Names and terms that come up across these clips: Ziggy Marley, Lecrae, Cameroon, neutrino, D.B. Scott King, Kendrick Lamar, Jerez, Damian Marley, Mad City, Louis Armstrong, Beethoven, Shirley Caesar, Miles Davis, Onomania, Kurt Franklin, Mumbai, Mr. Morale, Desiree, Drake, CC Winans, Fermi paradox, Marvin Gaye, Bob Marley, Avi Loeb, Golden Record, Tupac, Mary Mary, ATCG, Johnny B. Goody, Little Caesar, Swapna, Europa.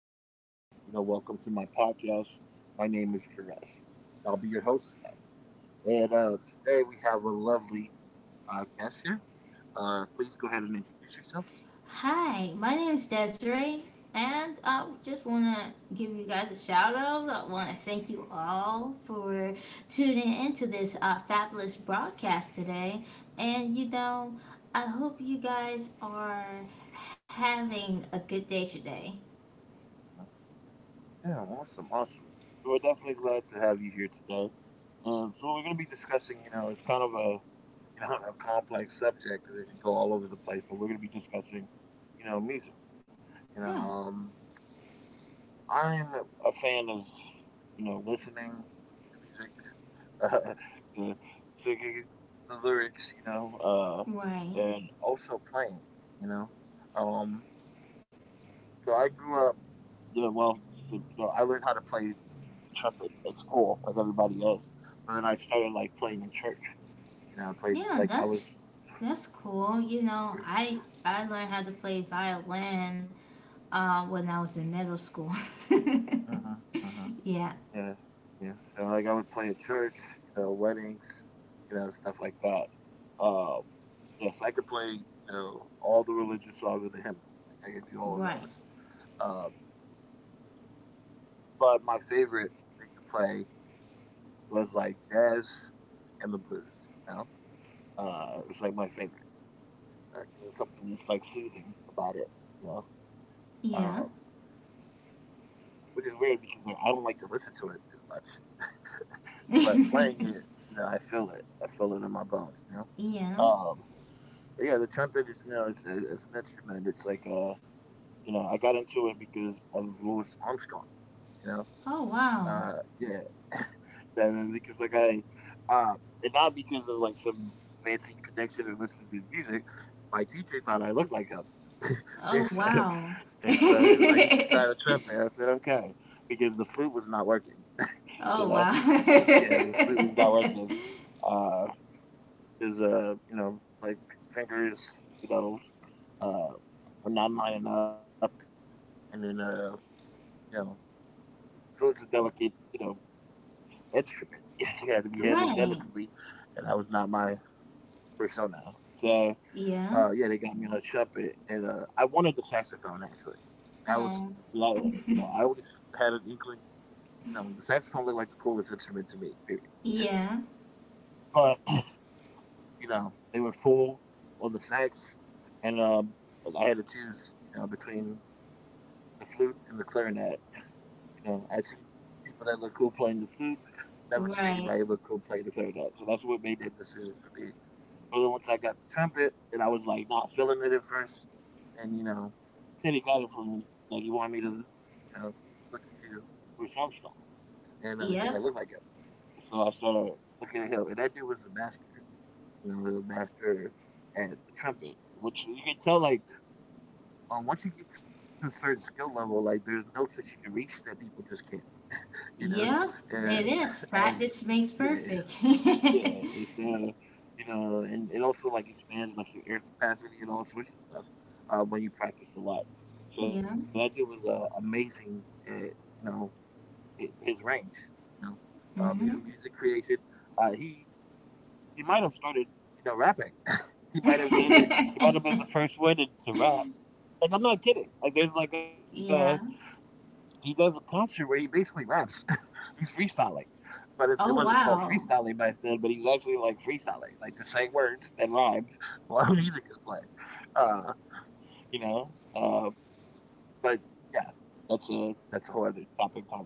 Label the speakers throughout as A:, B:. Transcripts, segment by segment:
A: ladies and gentlemen.
B: Hi.
A: Welcome to my podcast. My name is Jerez, and I'll be your host today. And today we have a lovely guest here. Please go ahead and introduce yourself.
B: Hi, my name is Desiree, and I just want to give you guys a shout out. I want to thank you all for tuning into this fabulous broadcast today. And you know, I hope you guys are having a good day today.
A: Uh, yeah, awesome, awesome. So we're definitely glad to have you here today. And so we're going to be discussing, you know, it's kind of a, you know, a complex subject because it can go all over the place. But we're going to be discussing, music. You
B: Yeah,
A: know, um, I'm a fan of, listening to music. Uh, singing the lyrics,
B: right.
A: and also playing, you know. Um, so I grew up, well, I learned how to play the trumpet at school, like everybody else. But then I started like playing in church. I played
B: Yeah,
A: like I was.
B: that's cool. I learned how to play violin when I was in middle school.
A: Uh-huh, uh-huh,
B: Yeah,
A: yeah, yeah. So like I would play at church, weddings, stuff like that. Um, yes, I could play, all the religious songs in the hymnal. Like I could do all of
B: right.
A: those. Um. But my favorite thing to play was, like, jazz and the blues, you know? It's, like, my favorite, 'cause it's something that's, like, soothing about it, you know? Um,
B: Yeah.
A: which is weird because, like, I don't like to listen to it as much, but playing it, I feel it. I feel it in my bones, you know?
B: Yeah.
A: Um, but, yeah, the trumpet is, it's an instrument. It's like, I got into it because of Louis Armstrong, you know?
B: Oh wow.
A: Uh, yeah, that that's because like um, and not because of like some fancy connection or listening to his music. My teacher thought I looked like him.
B: Oh
A: and, so,
B: wow.
A: and so he's like, you should try the trumpet. I said, okay, because the flute was not working. You
B: Oh
A: know,
B: wow.
A: yeah, the flute was not working. Uh, his like fingers, you know, uh, were not lining up, and then you know, flute's a delicate, instrument. It had to be handled
B: Right.
A: delicately, and that was not my persona. So
B: Yeah.
A: yeah, they got me on a trumpet, and I wanted the saxophone actually. That was
B: Um.
A: like I always had an inkling. The saxophone looked like the coolest instrument to me. Period.
B: Yeah.
A: But they were full on the sax, and I had to choose between the flute and the clarinet. I've seen people that look cool playing the flute. Never seen
B: Right.
A: anybody look cool playing the clarinet. So that's what made that decision for me. But then once I got the trumpet, and I was like not feeling it at first, and said he got it from me. Like he wanted me to, look into Bruce Armstrong, and because I
B: Yep.
A: look like him, and so I started looking at him, and that dude was a master. The master at the trumpet, which you can tell once you get to a certain skill level, like there's notes that you can reach that people just can't, you know,
B: Yep.
A: and
B: It is.
A: and
B: Practice makes
A: yeah,
B: perfect.
A: yeah, it's and it also like expands like your air capacity and all sorts of stuff when you practice a lot.
B: Yeah.
A: So that dude was amazing at you know his range, you know, his
B: Mhm.
A: music creation. Uh, he he might have started rapping. He might have done it. He might have been the first one to rap. Like I'm not kidding. Like there's like a
B: Yeah.
A: he does a concert where he basically raps. He's freestyling, but it wasn't
B: Oh
A: called
B: wow.
A: freestyling back then. But he's actually like freestyling, like just saying words that rhyme while music is playing. Uh, you know, uh, but yeah, that's a whole other topic of conversation.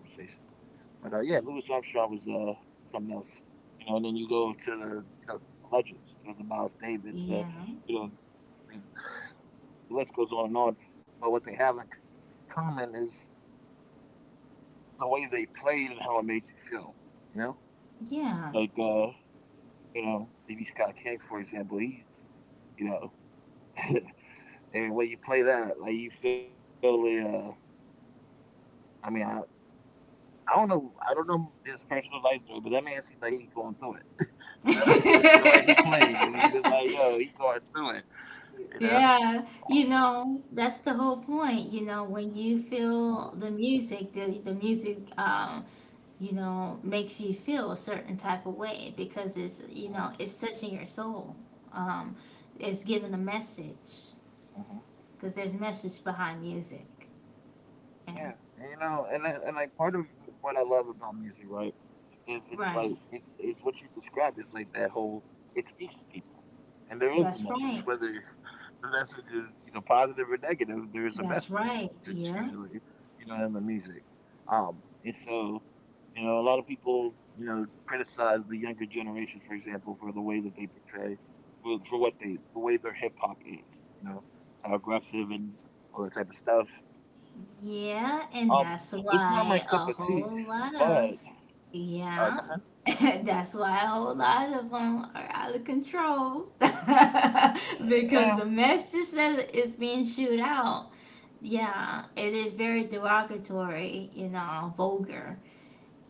A: But yeah, Louis Armstrong was something else. And then you go to the legends, the Miles Davids.
B: Yeah.
A: You know, I mean, the list goes on and on. But what they have in common is the way they played and how it made you feel. You know, like uh, D.B. Scott King, for example, he, you know, and when you play that, like you feel the. I mean, I don't know, I don't know, his personal life story, but that man seemed like he going through it. You know, the way he played, he was
B: Yeah.
A: like, yo, he going through it. You know.
B: Yeah,
A: Uh-huh,
B: you know, that's the whole point. You know, when you feel the music, the music, you know, makes you feel a certain type of way because it's, you
A: uh-huh,
B: know, it's touching your soul. Um, it's giving a message
A: uh-huh.
B: because there's message behind music.
A: Yeah, and,
B: Yeah,
A: you know, and like part of what I love about music, right? Is it's like
B: right.
A: it's what you described. It's like that whole it speaks to people. And there is a
B: That's
A: message,
B: right.
A: whether the message is, positive or negative, there is a
B: That's
A: message
B: right.
A: usually,
B: Yeah.
A: in the music. And so, a lot of people, criticize the younger generation, for example, for the way that they portray for what they the way their hip hop is, you know, aggressive and all that type of stuff.
B: Yeah,
A: Um,
B: and
A: it's not
B: that's
A: my cup of
B: why a
A: tea,
B: whole lot
A: but
B: of,
A: go
B: yeah, that's why a whole lot of them are out of control. Because
A: ahead.
B: the message that is being shoot out, yeah, it is very derogatory, you know, vulgar,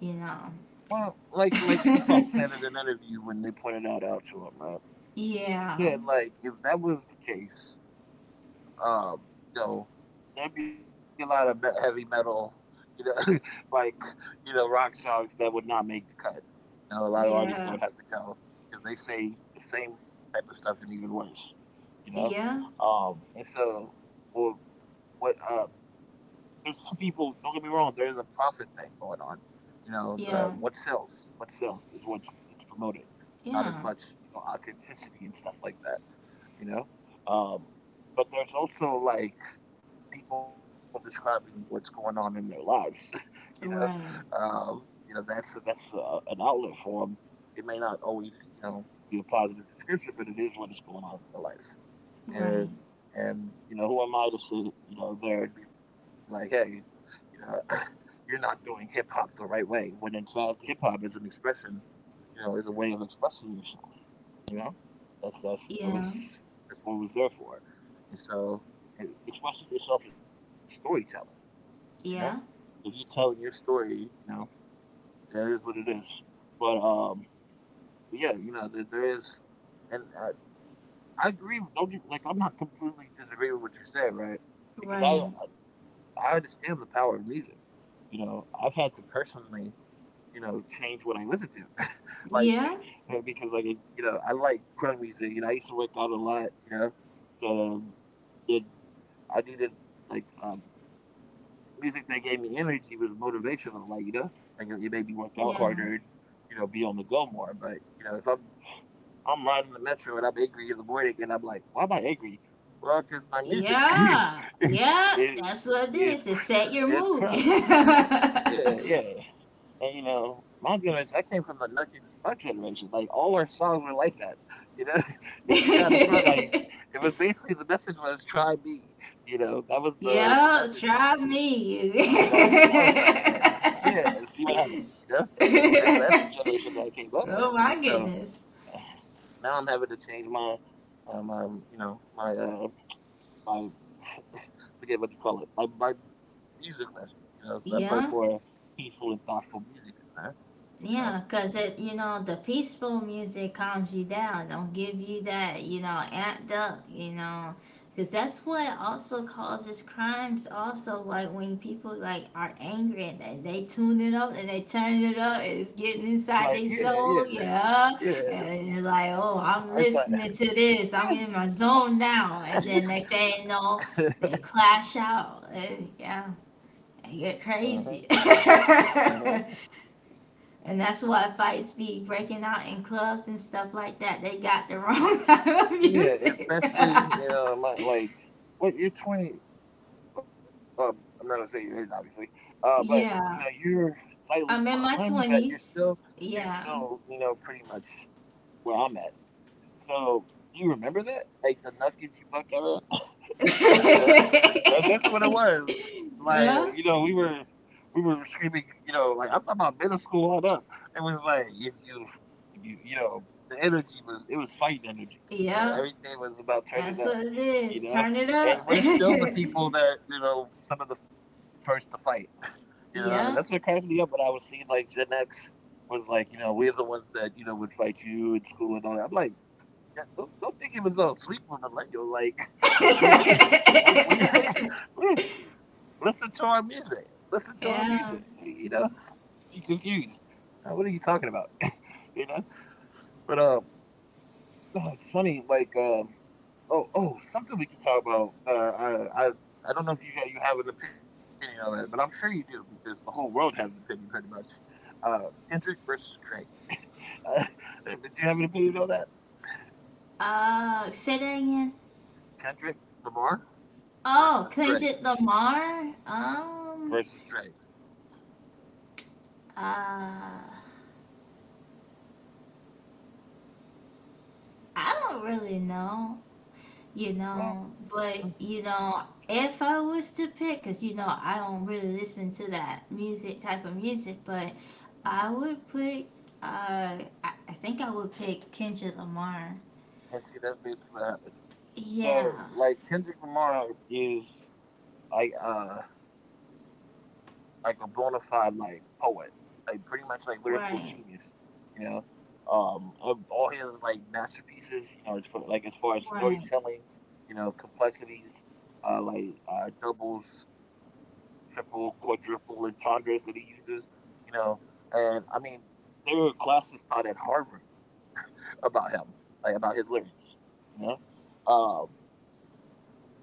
B: you know.
A: Well, like Tupac said in an interview when they pointed that out to him, man. He
B: Yeah,
A: said like if that was the case, um, you know, there'd be a lot of heavy metal, you know, like, rock songs that would not make the cut. A lot of artists that
B: yeah,
A: would have to go because they say the same type of stuff and even worse, you know?
B: yeah,
A: And so, well, what, uh, there's some people, don't get me wrong, there's a profit thing going on. You know, the
B: yeah,
A: what sells is what gets promoted, not as much,
B: yeah,
A: authenticity and stuff like that you know? Um, but there's also like people describing what's going on in their lives, you know?
B: right,
A: Um, that's an outlet for them. It may not always, be a positive description, but it is what is going on in their life.
B: right,
A: And who am I to sit, there and be like, hey, you know, you're not doing hip hop the right way. When in fact, hip hop is an expression, is a way of expressing yourself. You know, that's that's that was
B: yeah,
A: that's what it was there for. And so, and expressing yourself is storytelling. You know,
B: yeah,
A: so if you're telling your story, that is what it is. But um, but yeah, there is, and I agree. Don't you like? I'm not completely disagreeing with what you're saying, right? Because
B: right,
A: I understand the power of music. I've had to personally, change what I listen to. like,
B: yeah.
A: because I like crunk music. I used to work out a lot. So it, I needed like um, music that gave me energy, was motivational. Like it made me work out harder
B: Yeah.
A: and be on the go more. But if I'm riding the metro and I'm angry in the morning and I'm like, why am I angry? Well, because my music
B: Yeah,
A: is
B: yeah, that's
A: is
B: what it is. It
A: is
B: set your
A: crunk.
B: mood.
A: Yeah, yeah. And my generation, I came from the Nuggets Buck generation. Like all our songs were like that. You know, if you got a print, like it was basically the message was try me. That was the
B: Yeah,
A: message in all
B: try
A: the songs back
B: me.
A: then. Yeah, and see what happens. You know, and so that's the generation that I came up with. And so
B: Oh my goodness.
A: now I'm having to change um, um you know my uh, my forget what you call it, my music list. So I put more
B: Yeah.
A: peaceful and thoughtful music in there. You know.
B: Yeah, 'cause it, you know, the peaceful music calms you down. Don't give you that, you know, amped up, you know, 'cause that's what also causes crimes. Also, like when people like are angry and they tune it up and they turn it up, and it's getting inside
A: Like,
B: their
A: yeah,
B: soul.
A: yeah,
B: Yeah, and
A: yeah.
B: you're like, oh, I'm
A: It's like,
B: listening to this. I'm in my zone now. And then they say no, they clash out. And, yeah, they get
A: uh-huh,
B: crazy.
A: uh-huh.
B: And that's why fights be breaking out in clubs and stuff like that. They got the wrong type of
A: Yeah,
B: music.
A: especially, my, like, what you're 20, I'm not gonna say your age, obviously, but,
B: Yeah.
A: you're slightly
B: I'm in
A: behind me,
B: my
A: but you're still,
B: 20s.
A: you're
B: Yeah.
A: still, pretty much where I'm at. So, do you remember that? Like, the Nuckers you buck era? You know, that's what it was. Like, we
B: Yeah.
A: were we were screaming. Like I'm talking about middle school on up. It was like if you, you know, the energy was, it was fighting energy. You know,
B: Yeah.
A: everything was about turning
B: That's
A: up.
B: what it
A: You
B: is.
A: know,
B: Turn it
A: and
B: up.
A: we're still the people that you know some of the first to fight. You know, that's what cracks
B: Yeah.
A: me up when I was seeing like Gen X was like, you know, we're the ones that you know would fight you in school and all that. I'm like, yeah, don't think it was all sweet with millennial. Like we we we we, we listen to our music. Listen to our music. You
B: Yeah.
A: know, you confused. What are you talking about? You know, but oh, it's funny. Like oh, something we can talk about. I don't know if you got you have an opinion on it, but I'm sure you do because the whole world has an opinion pretty much. Uh, Kendrick versus Drake. Uh, did you have an opinion on that?
B: Say that again.
A: Kendrick Lamar
B: Oh,
A: versus Drake
B: Kendrick Lamar.
A: versus Drake.
B: Uh, I don't really know, you
A: Well,
B: know, but
A: mhm,
B: you know, if I was to pick, because you know, I don't really listen to that music type of music, but
A: mhm.
B: I would pick, I think I would pick Kendrick Lamar.
A: I see. That's basically what happened. So,
B: Yeah,
A: like Kendrick Lamar is like uh like a bona fide like poet, like pretty much like lyrical
B: right,
A: genius. You know, of all his like masterpieces, you know, as for like as far as
B: right,
A: storytelling, you know, complexities, like doubles, triple, quadruple, and entendres that he uses. You know, and I mean, there were classes taught at Harvard about him, like about his lyrics, you know. Um,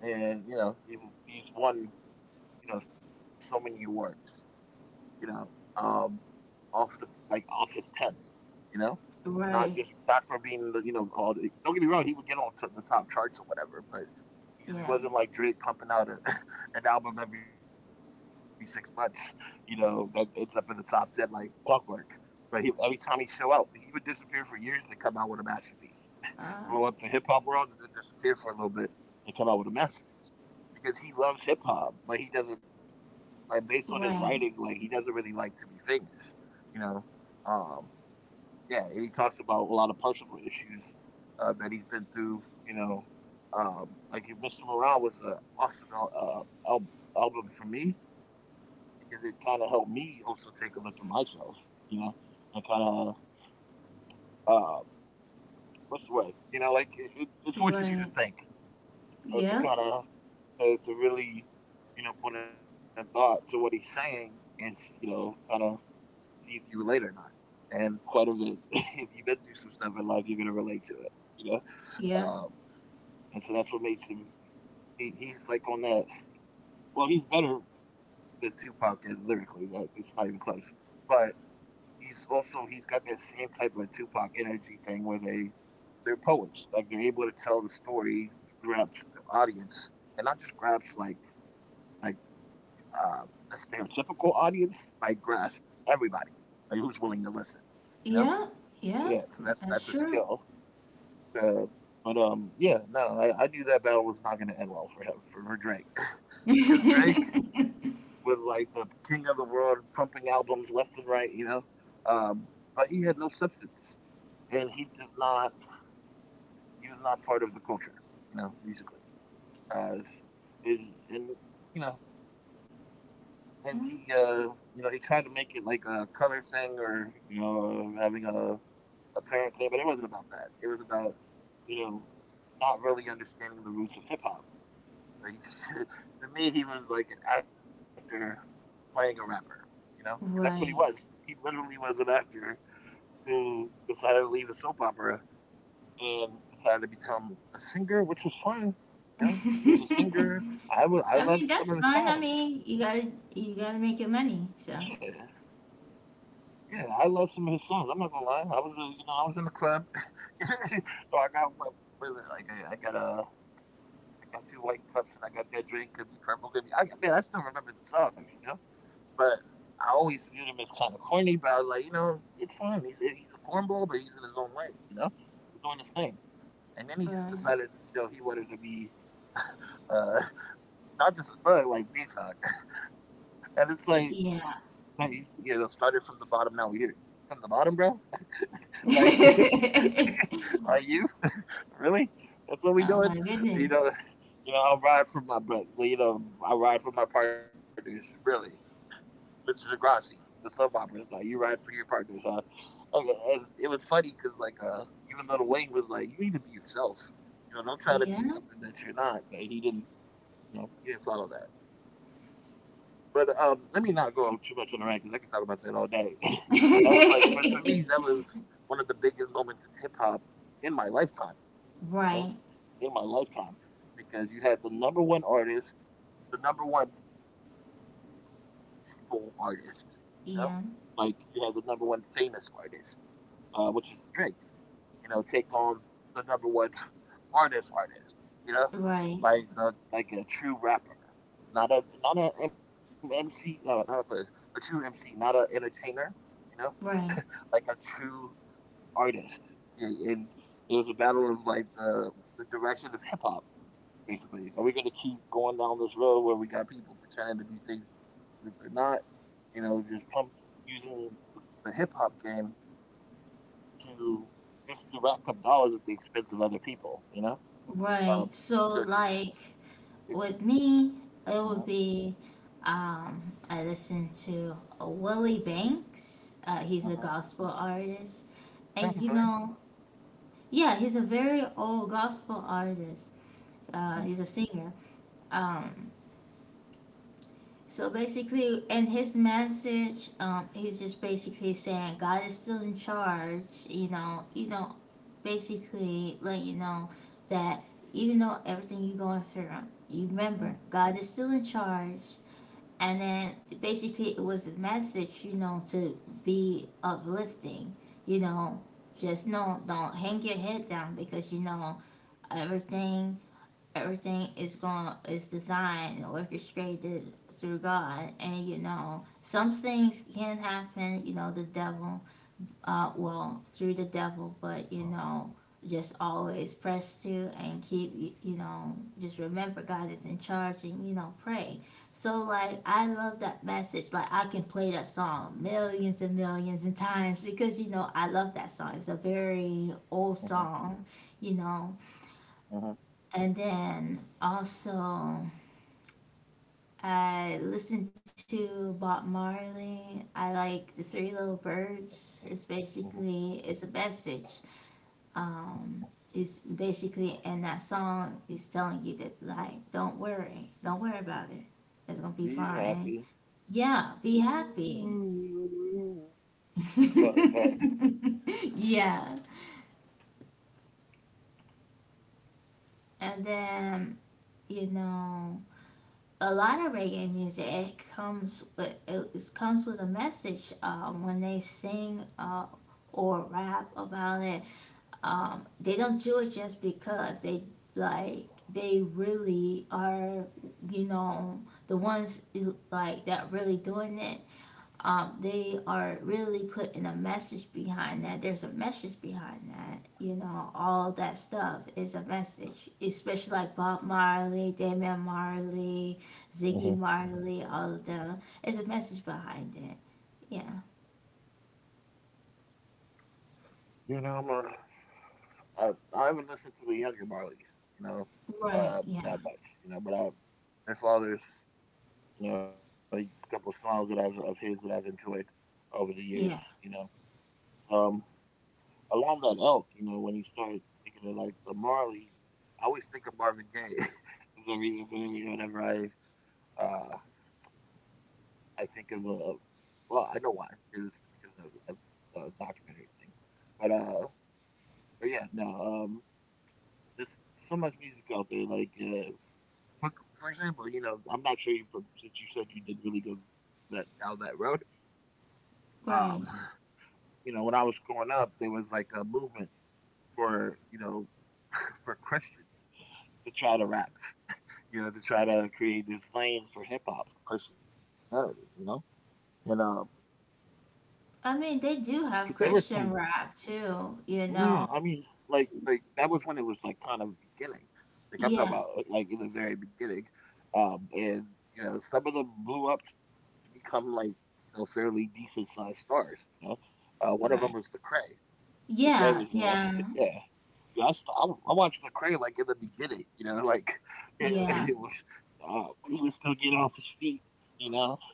A: and you know he's won you know so many awards, you know, um, off the like off his pen, you know, not just
B: right,
A: not for being the you know all the, don't get me wrong he would get on to the top charts or whatever, but he
B: yeah,
A: wasn't like Drake pumping out an album every 6 months, you know, that ends up in the top ten like clockwork. But he, every time he show up, he would disappear for years to come out with a masterpiece, blow up the hip
B: uh,
A: hop world and then disappear for a little bit and come out with a masterpiece because he loves hip hop, but he doesn't, like based on his writing, like
B: right,
A: he doesn't really like to be famous, you know. Um, yeah, and he talks about a lot of personal issues that he's been through, you know. Like Mr. Morale was an awesome al- album for me because it kind of helped me also take a look at myself, you know, and kind of uh, what's the word, you know, like it forces you to
B: right,
A: think to
B: yeah,
A: kind of to really you know put in thought to what he's saying and you know kind of see if you relate or not. And quite a bit, if you've been through some stuff in life, you're gonna relate to it, you know.
B: yeah,
A: Um, and so that's what makes him. He's like on that. Well, he's better than Tupac at- lyrically. Like it's not even close. But he's also he's got that same type of Tupac energy thing where they're poets. Like they're able to tell the story to grab the audience and not just grabs like a stereotypical audience like grasp everybody like who's willing to listen you know,
B: yeah, yeah,
A: yeah, so that's
B: that's
A: a
B: true.
A: skill, uh, but yeah, no, I knew that battle was not going to end well for him, for drake because drake
B: Yeah,
A: was like the king of the world pumping albums left and right, you know, um but he had no substance and he does not, he was not part of the culture, you know, musically, uh is and you know, and you know, he tried to make it like a color thing or you know having a parent thing, but it wasn't about that. It was about you know not really understanding the roots of hip hop. Like to me, he was like an actor playing a rapper, you know, because that's what he was.
B: right.
A: He literally was an actor who decided to leave a soap opera and decided to become a singer, which was fun. You know, he was a singer. I
B: I
A: loved
B: mean,
A: some
B: that's
A: of his
B: fun. I
A: songs.
B: mean, you gotta you
A: Yeah,
B: gotta make your money. So,
A: yeah, I love some of his songs. I'm not gonna lie. You know, I was in the club. So I got what is it? Like I got two white cups and I got that drink. Could be purple. Could be. I, man, I still remember the songs, you know. But I always viewed him as kind of corny. But I was like, you know, it's fine. He's a cornball, but he's in his own way. You know, he's doing his thing. And then he
B: uh,
A: decided, you know, he wanted to be uh, not just his brother, like Deathog. And it's like,
B: y- yeah.
A: he's you know started from the bottom. Now we're here, from the bottom, bro. Like, are you really? That's what we
B: Oh
A: doing?
B: my
A: You know,
B: goodness.
A: you know, I'll ride for my, but you know, I ride for my partners. Really, Mr. Degrassi, the sub opera is like you ride for your partners. Huh? Okay, and it was funny because even Little Wayne was like, you need to be yourself. You know, don't try
B: Yeah.
A: to be something that you're not. But he didn't. You know, he didn't follow that. But let me not go too much on the rant because I could talk about that all day. That was like, but for me, that was one of the biggest moments in hip hop in my lifetime. You know,
B: Right.
A: in my lifetime, because you had the number one artist, the number one people artist. You know,
B: Yeah.
A: like you had the number one famous artist, which is Drake, you know, take on the number one artist artist, you know,
B: Right.
A: like the like a true rapper, not a MC, no, not a, a true MC, not a entertainer, you know,
B: Right.
A: like a true artist. Yeah, and it was a battle of like the direction of hip hop, basically. Are we gonna keep going down this road where we got people pretending to be things that they're not? You know, just pump using the hip hop game to just to rack up dollars at the expense of other people, you know?
B: Right. So,
A: Uh, you know,
B: like
A: because
B: with
A: it,
B: me, it would be
A: uh-huh,
B: um, I listen to Willie Banks. He's a
A: uh-huh,
B: gospel artist, and you
A: sounds
B: know,
A: familiar.
B: yeah, he's a very old gospel artist. He's a
A: Uh-huh,
B: singer. Um, so basically, in his message, he's just basically saying God is still in charge. You know, basically letting you know that even though everything you're going through, you remember God
A: uh-huh,
B: is still in charge. And then basically, it was a message, you know, to be uplifting. You know, just know, don't hang your head down because you know everything everything is going is designed and orchestrated through God, and you know some things can happen. You know the devil, well through the devil, but you know just always press to and keep y- you know just remember God is in charge and you know pray. So like I love that message. Like I can play that song millions and millions and times because you know I love that song. It's a very old song,
A: uh-huh,
B: you know,
A: uh-huh,
B: and then also, I listen to Bob Marley. I like the Three Little Birds. It's basically
A: uh-huh.
B: it's a message. Um, it's basically and that song is telling you that like don't worry about it. It's gonna be
A: Be
B: fine.
A: happy.
B: Yeah, be happy.
A: Ooh. Oh, my God.
B: Yeah, and then you know a lot of reggae music it comes with a message when they sing or rap about it they don't do it just because they like they really are you know the ones like that really doing it they are really putting a message behind that. There's a message behind that. You know, all that stuff is a message, especially like Bob Marley, Damian Marley, Ziggy
A: Huh.
B: Marley, all of them. There's a message behind it. Yeah.
A: You know, I, I haven't listened to the younger Barleys, you know,
B: Right. Yeah.
A: that much, you know, their father's, you know, a couple of songs of his that I've enjoyed over the years, you
B: Yeah.
A: know. Um, Along that elk, you know, when you start thinking of like the Marley, I always think of Marvin Gaye. Is the reason for me whenever uh I think of a, well, I know why, is because of a documentary thing, but uh, but yeah, no, um, there's so much music out there. Like, for example, you know, I'm not sure you since you said you did really go that down that road. Um,
B: Right.
A: you know, when I was growing up, there was like a movement for you know for Christians to try to rap, you know, to try to create this lane for hip hop personality, you know? And
B: I mean, they
A: But
B: do
A: there
B: have
A: was some,
B: Christian rap too, you
A: mm,
B: know.
A: I mean, like that was when it was like kind of beginning. Like I'm talking
B: Yeah.
A: about like in the very beginning, and you know, some of them blew up to become like you know fairly decent sized stars. You know, one of them was
B: Right.
A: Lecrae. Lecrae was,
B: Yeah.
A: uh,
B: Yeah.
A: yeah. Yeah, I, st- I, w- I watched Lecrae like in the beginning, you know, like
B: Yeah.
A: it was when he was still getting off his feet, you know.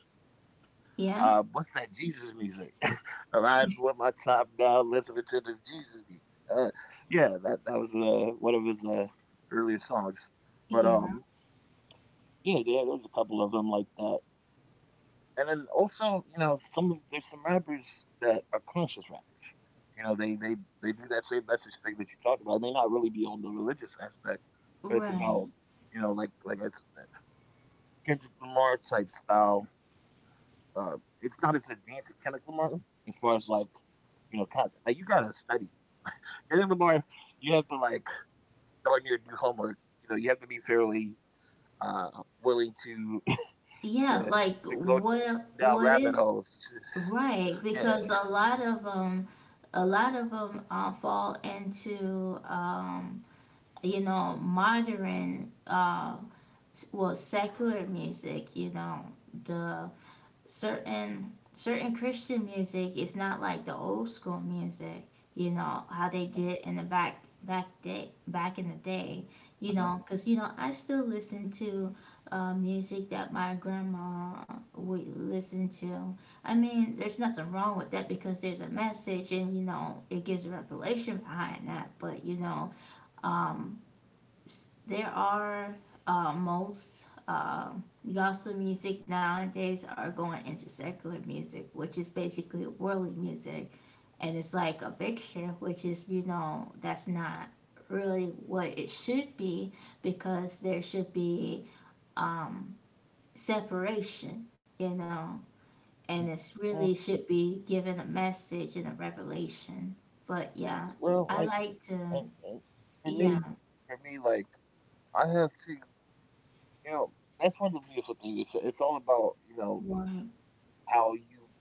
A: What's
B: Yeah.
A: that Jesus music? Riding with my top down, listening to this Jesus music. Uh, yeah, that was one of his earlier songs. But
B: Yeah.
A: Yeah, yeah, there's a couple of them like that. And then also, you know, some of there's some rappers that are conscious rappers. You know, they do that same message thing that you talked about. It may not really be on the religious aspect, but it's
B: Right.
A: about you know, like I said, Kendrick Lamar type style, it's not as advanced as chemical Martin as far as like you know, content, like you gotta study. And Lamar, you have to like darn near do homework. You know, you have to be fairly uh, willing to
B: Yeah, like
A: to go down rabbit
B: what
A: holes.
B: is right
A: Yeah.
B: because a lot of them fall into you know modern s- well secular music, you know, the certain Christian music is not like the old school music, you know, how they did in the back in the day, you
A: Uh-huh.
B: know, because you know I still listen to music that my grandma would listen to. I mean, there's nothing wrong with that because there's a message and you know it gives a revelation behind that. But you know, um there are most gospel music nowadays are going into secular music, which is basically worldly music, and it's like a mixture, which is you know that's not really what it should be because there should be um, separation, you know, and
A: Well,
B: it's really should be given a message and a revelation. But
A: see,
B: yeah,
A: well,
B: I
A: like
B: like to
A: and for
B: yeah
A: me, for me, I have to, you know, that's one of the beautiful things. It's all about
B: more
A: how you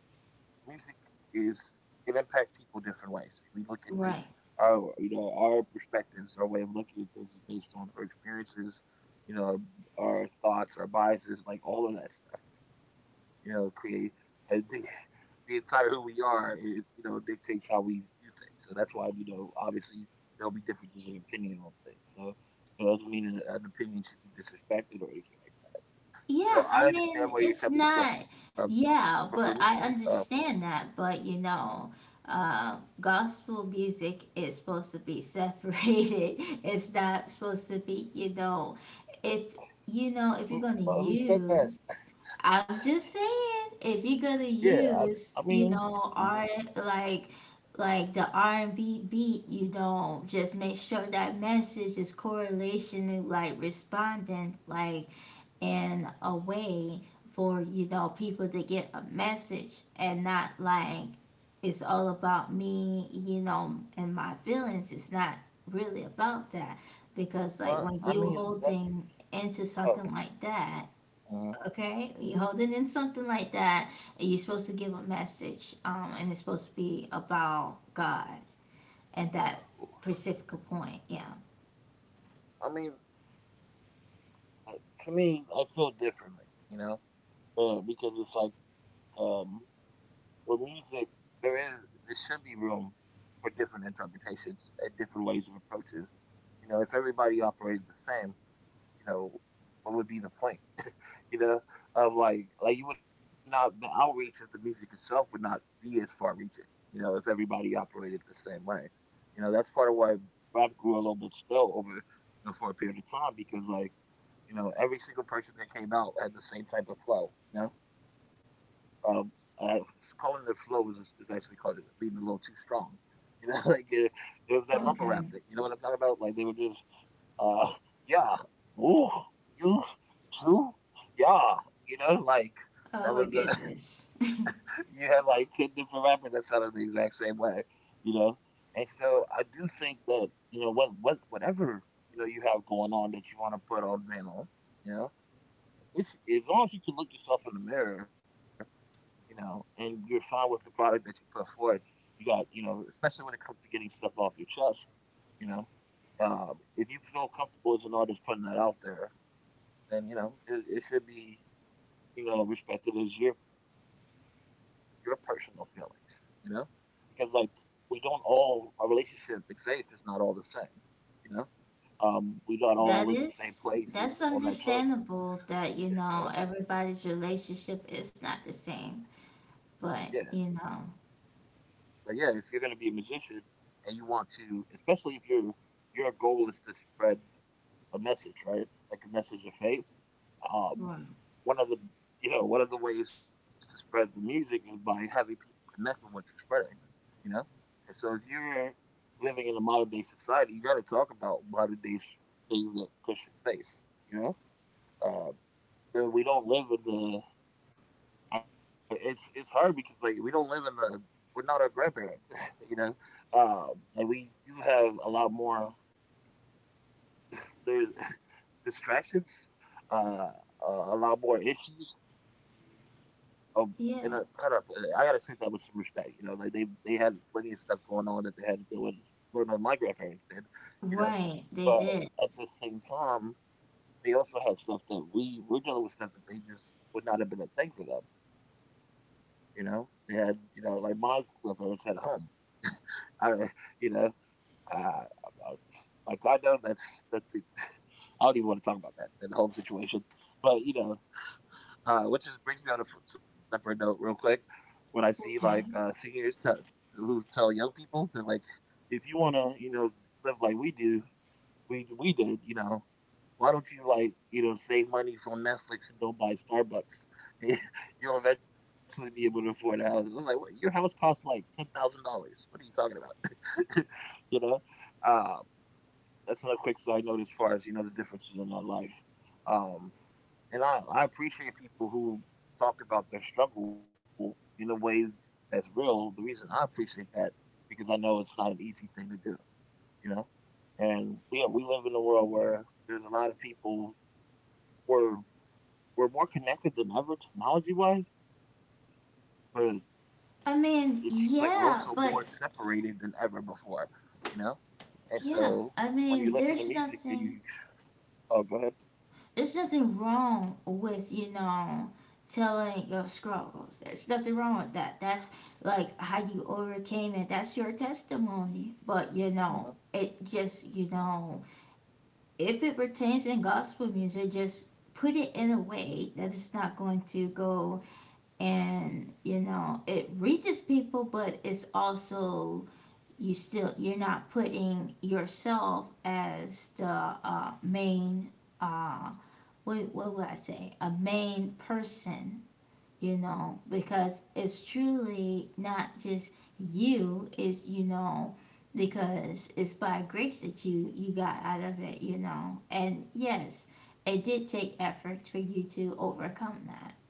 A: music is it impacts people different ways. We look at things,
B: right.
A: our our perspectives, our way of looking at things is based on our experiences, you know, our thoughts, our biases, like all of that stuff. You know, create I think the entire who we are, it, you know, dictates how we view things. So that's why you know, obviously there'll be differences in opinion on things. So it doesn't mean an opinion should be disrespected or anything like that. So
B: Yeah,
A: I
B: I
A: understand
B: mean,
A: where you're
B: it's
A: coming from,
B: not,
A: but for me,
B: yeah, but
A: uh,
B: I understand that. But you know, uh, gospel music is supposed to be separated. It's not supposed to be, if you know, if
A: mm,
B: you're gonna
A: but who said that?
B: use, I'm just saying, if you're gonna
A: Yeah, I
B: use, you
A: mean,
B: know,
A: mhm.
B: art like like the R&B beat, you know, just make sure that message is correlation to like responding, like in a way for you know people to get a message and not like it's all about me, you know, and my feelings. It's not really about that because like when
A: Well, I
B: you
A: mean that's.
B: holding into something
A: Oh,
B: like that,
A: mhm.
B: okay, you holding in something like that, you're supposed to give a message, and it's supposed to be about God and that specific point. Yeah.
A: I mean, uh, to me, I feel differently, you know, because it's like with music, there is there should be room for different interpretations and different ways of approaches. You know, if everybody operated the same, you know, what would be the point? You know, of like you would not the outreach of the music itself would not be as far reaching, you know, if everybody operated the same way. You know, that's part of why rap grew a little bit still over you know for a period of time because like you know every single person that came out had the same type of flow. You know, um, uh, calling it flow is actually called it being a little too strong. You know, like it was that
B: Oh,
A: mumble rap
B: okay.
A: thing. You know what I'm talking about? Like they were just uh, yeah. Ooh, you too? Yeah. You know, like that
B: Oh my
A: was a
B: goodness.
A: you had like ten different rappers that sounded the exact same way, you know. And so I do think that you know what whatever you know you have going on that you want to put on vinyl, you know, it's as long as you can look yourself in the mirror, you know, and you're fine with the product that you put forward. You got you know, especially when it comes to getting stuff off your chest, you know. If you feel comfortable as an artist putting that out there, then you know it should be you know respected as your personal feelings. You know, because like we don't all our relationship in faith is not all the same. You know, we not all in the
B: That
A: same
B: is
A: places on
B: that's
A: that journey.
B: understandable that
A: It's,
B: you know everybody's relationship is not the same,
A: yeah,
B: but you know,
A: but yeah, if you're gonna be a musician and you want to, especially if your goal is to spread a message, right? Like a message of faith. Um,
B: right.
A: one of the you know one of the ways to spread the music is by having people connect with what you're spreading. You know, and so if you're living in a modern day society, you got to talk about modern day things that Christians face. You know, uh, and we don't live in the I, it's hard because like we don't live in the we're not our grandparents. You know, like we do have a lot more there's distractions, uh, a lot more issues um, in
B: Yeah,
A: a how do I put it? I gotta take that with some respect. You know, like they had plenty of stuff going on that they had to deal with, learn how my grandparents did.
B: right,
A: You
B: they
A: know,
B: did.
A: but at the same time, they also had stuff that we're dealing with stuff that they just would not have been a thing for them. You know, they had you know like my grandparents had a home. I you know uh, like I know that's the, I don't even want to talk about that and the home situation, but you know which is brings me on a separate note, real quick. When I see like
B: Okay.
A: seniors who tell young people, they're like, "If you want to, you know, live like we do, we did, you know, why don't you like, you know, save money from Netflix and don't buy Starbucks? You'll eventually be able to afford a house." I was like, "What? Your house costs like $10,000? What are you talking about?" You know, uh, that's another quick side note as far as you know the differences in our life. Um, and I appreciate people who talk about their struggle in a way that's real. The reason I appreciate that because I know it's not an easy thing to do, you know. And yeah, we live in a world where there's a lot of people we're we're more connected than ever technology wise, but it seems
B: I
A: like we're also
B: mean,
A: more
B: yeah,
A: separated
B: but
A: than ever before, you know. And so when
B: yeah,
A: you
B: I
A: listen to
B: mean,
A: music and you oh go ahead,
B: there's nothing wrong with, you know, telling your struggles. There's nothing wrong with that. That's like how you overcame it. That's your testimony. But
A: uh
B: you
A: huh,
B: know, it just, you know, if it pertains in gospel music, just put it in a way that it's not going to go and you know it reaches people, but it's also you still you're not putting yourself as the main uh, what would I say a main person you know, because it's truly not just you, it's, you know, because it's by grace that you got out of it, you know. And yes, it did take effort for you to overcome that.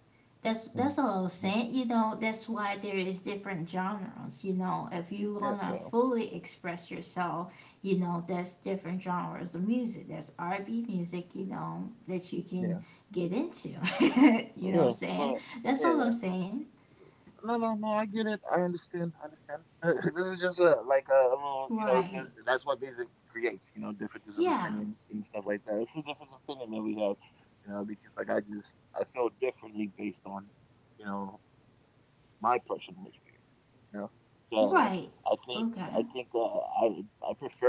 A: hmm,
B: That's what I was saying. You know, that's why there is different genres. You know, if
A: yeah,
B: you
A: yeah,
B: wanna fully express yourself, you know, that's different genres of music. That's R and B music. You know, that you
A: yeah,
B: can get into. You know what
A: yeah,
B: I'm
A: but
B: saying? That's
A: yeah,
B: all
A: yeah.
B: I'm saying.
A: No, no, no. I get it. I understand. I understand. This is just a like a little, you know. th-
B: Right.
A: That's what music creates, you know, differences of
B: Yeah.
A: opinions and stuff like that. It's a different opinion that we have, you know, because like I just I feel differently based on, you know, my personal experience. You know. So I
B: Right.
A: think I think
B: Okay.
A: I prefer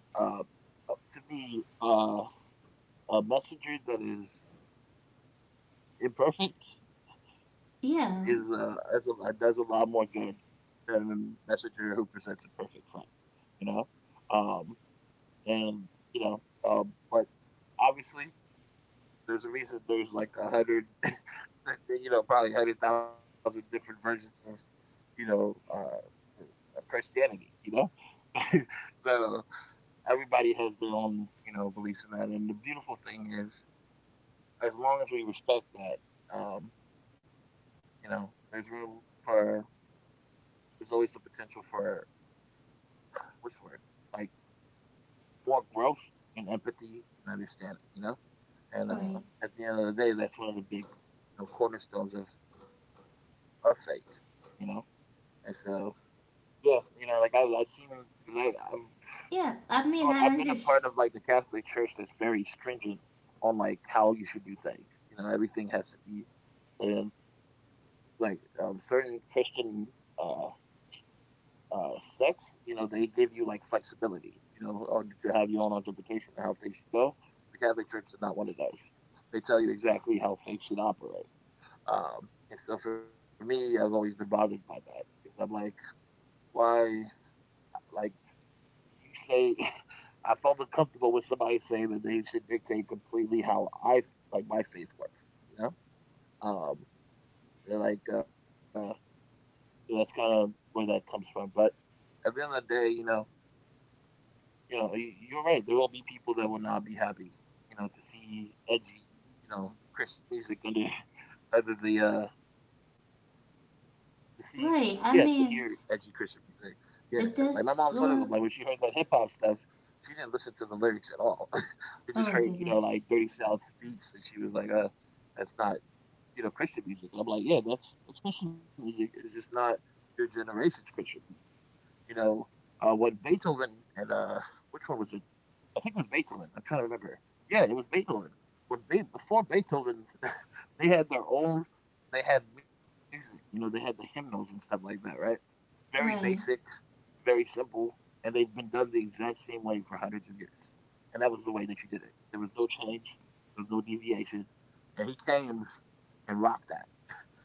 A: to be a messenger that is imperfect
B: Yeah.
A: is a, does a lot more good than a messenger who presents a perfect front, you know. Um, and you know, but obviously there's a reason there's like a hundred, you know, probably 100,000 different versions of, you know, of Christianity, you know. So everybody has their own, you know, beliefs in that. And the beautiful thing is, as long as we respect that, you know, there's always the potential for what's the word like more growth and empathy and understanding. You know, and
B: Right.
A: at the end of the day, that's one of the big you know, cornerstones of our faith. You know, and so yeah, you know, like I seen because I've
B: Yeah. I mean,
A: gone
B: I
A: I've been a
B: understand.
A: part of like the Catholic Church that's very stringent on like how you should do things. You know, everything has to be and like certain Christian uh, uh, sex, you know, they give you like flexibility, you know, or to have your own interpretation of how things should go. The Catholic Church is not one of those. They tell you exactly how things should operate. And so for me, I've always been bothered by that because I'm like, why, like, you say, I felt uncomfortable with somebody saying that they should dictate completely how I, like, my faith works, you know? Um, they're like, so that's kind of where that comes from. But at the end of the day, you know, you know, you're right. There will be people that will not be happy, you know, to see edgy, you know, Christian music under under the to see yeah, to hear edgy Christian
B: Right. I
A: music.
B: mean,
A: Yeah. Like my mom's one of them. Like when she
B: it
A: heard that hip
B: does.
A: hop stuff,
B: Well,
A: she didn't listen to the lyrics at all. She just heard, you know, like
B: oh my
A: dirty south
B: goodness.
A: beats and she was like, that's not, you know, Christian music. And I'm like, yeah, that's Christian music. It's just not your generation's Christian music. You know, when Beethoven and which one was it? I think it was Beethoven. I'm trying to remember. Yeah, it was Beethoven. When before Beethoven, they had their own. They had music. You know, they had the hymnals and stuff like that, right? Very basic,
B: Right.
A: very simple, and they've been done the exact same way for hundreds of years. And that was the way that you did it. There was no change. There was no deviation. And he came and rocked that.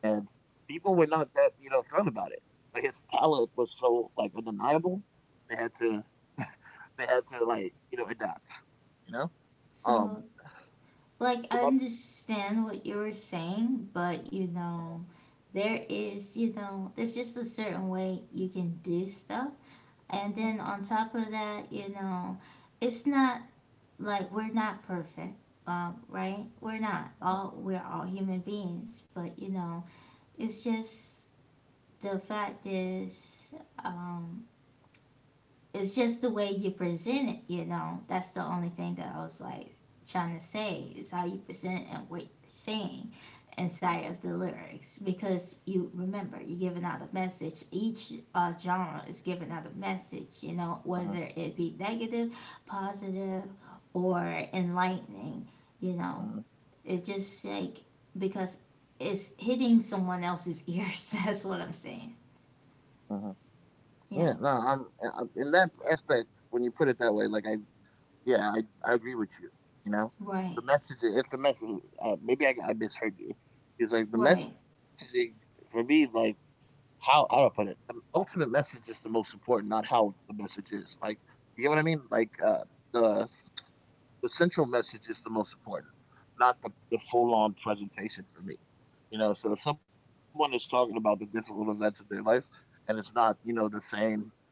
A: And people were not that you know thrilled about it, but his talent was so like undeniable. They had to. They had to like you know adapt you know?
B: So
A: Um,
B: like I
A: my,
B: understand what you were saying, but you
A: uh-huh,
B: know, there is, you know, there's just a certain way you can do stuff. And then on top of that, you know, it's not like we're not perfect. Right? We're not all
A: uh-huh,
B: we're all human beings, but you know, it's just the fact is, um, it's just the way you present it, you know. That's the only thing that I was like trying to say is how you present it and what you're saying inside of the lyrics because you remember you're giving out a message each genre is giving out a message you know
A: uh-huh,
B: whether it be negative positive or enlightening you know
A: uh-huh,
B: it's just like because it's hitting someone else's ears. That's what I'm saying.
A: uh-huh. Yeah, no,
B: Yeah,
A: in that aspect when you put it that way. Like I, yeah, I agree with you. You know, the
B: right,
A: message. If the message, maybe I misheard you. It's like the
B: right.
A: messaging for me. Is like how to put it. The ultimate message is the most important, not how the message is. Like you get what I mean? Like the The central message is the most important, not the full on presentation for me. So if someone is talking about the difficult events of their life and it's not, the same,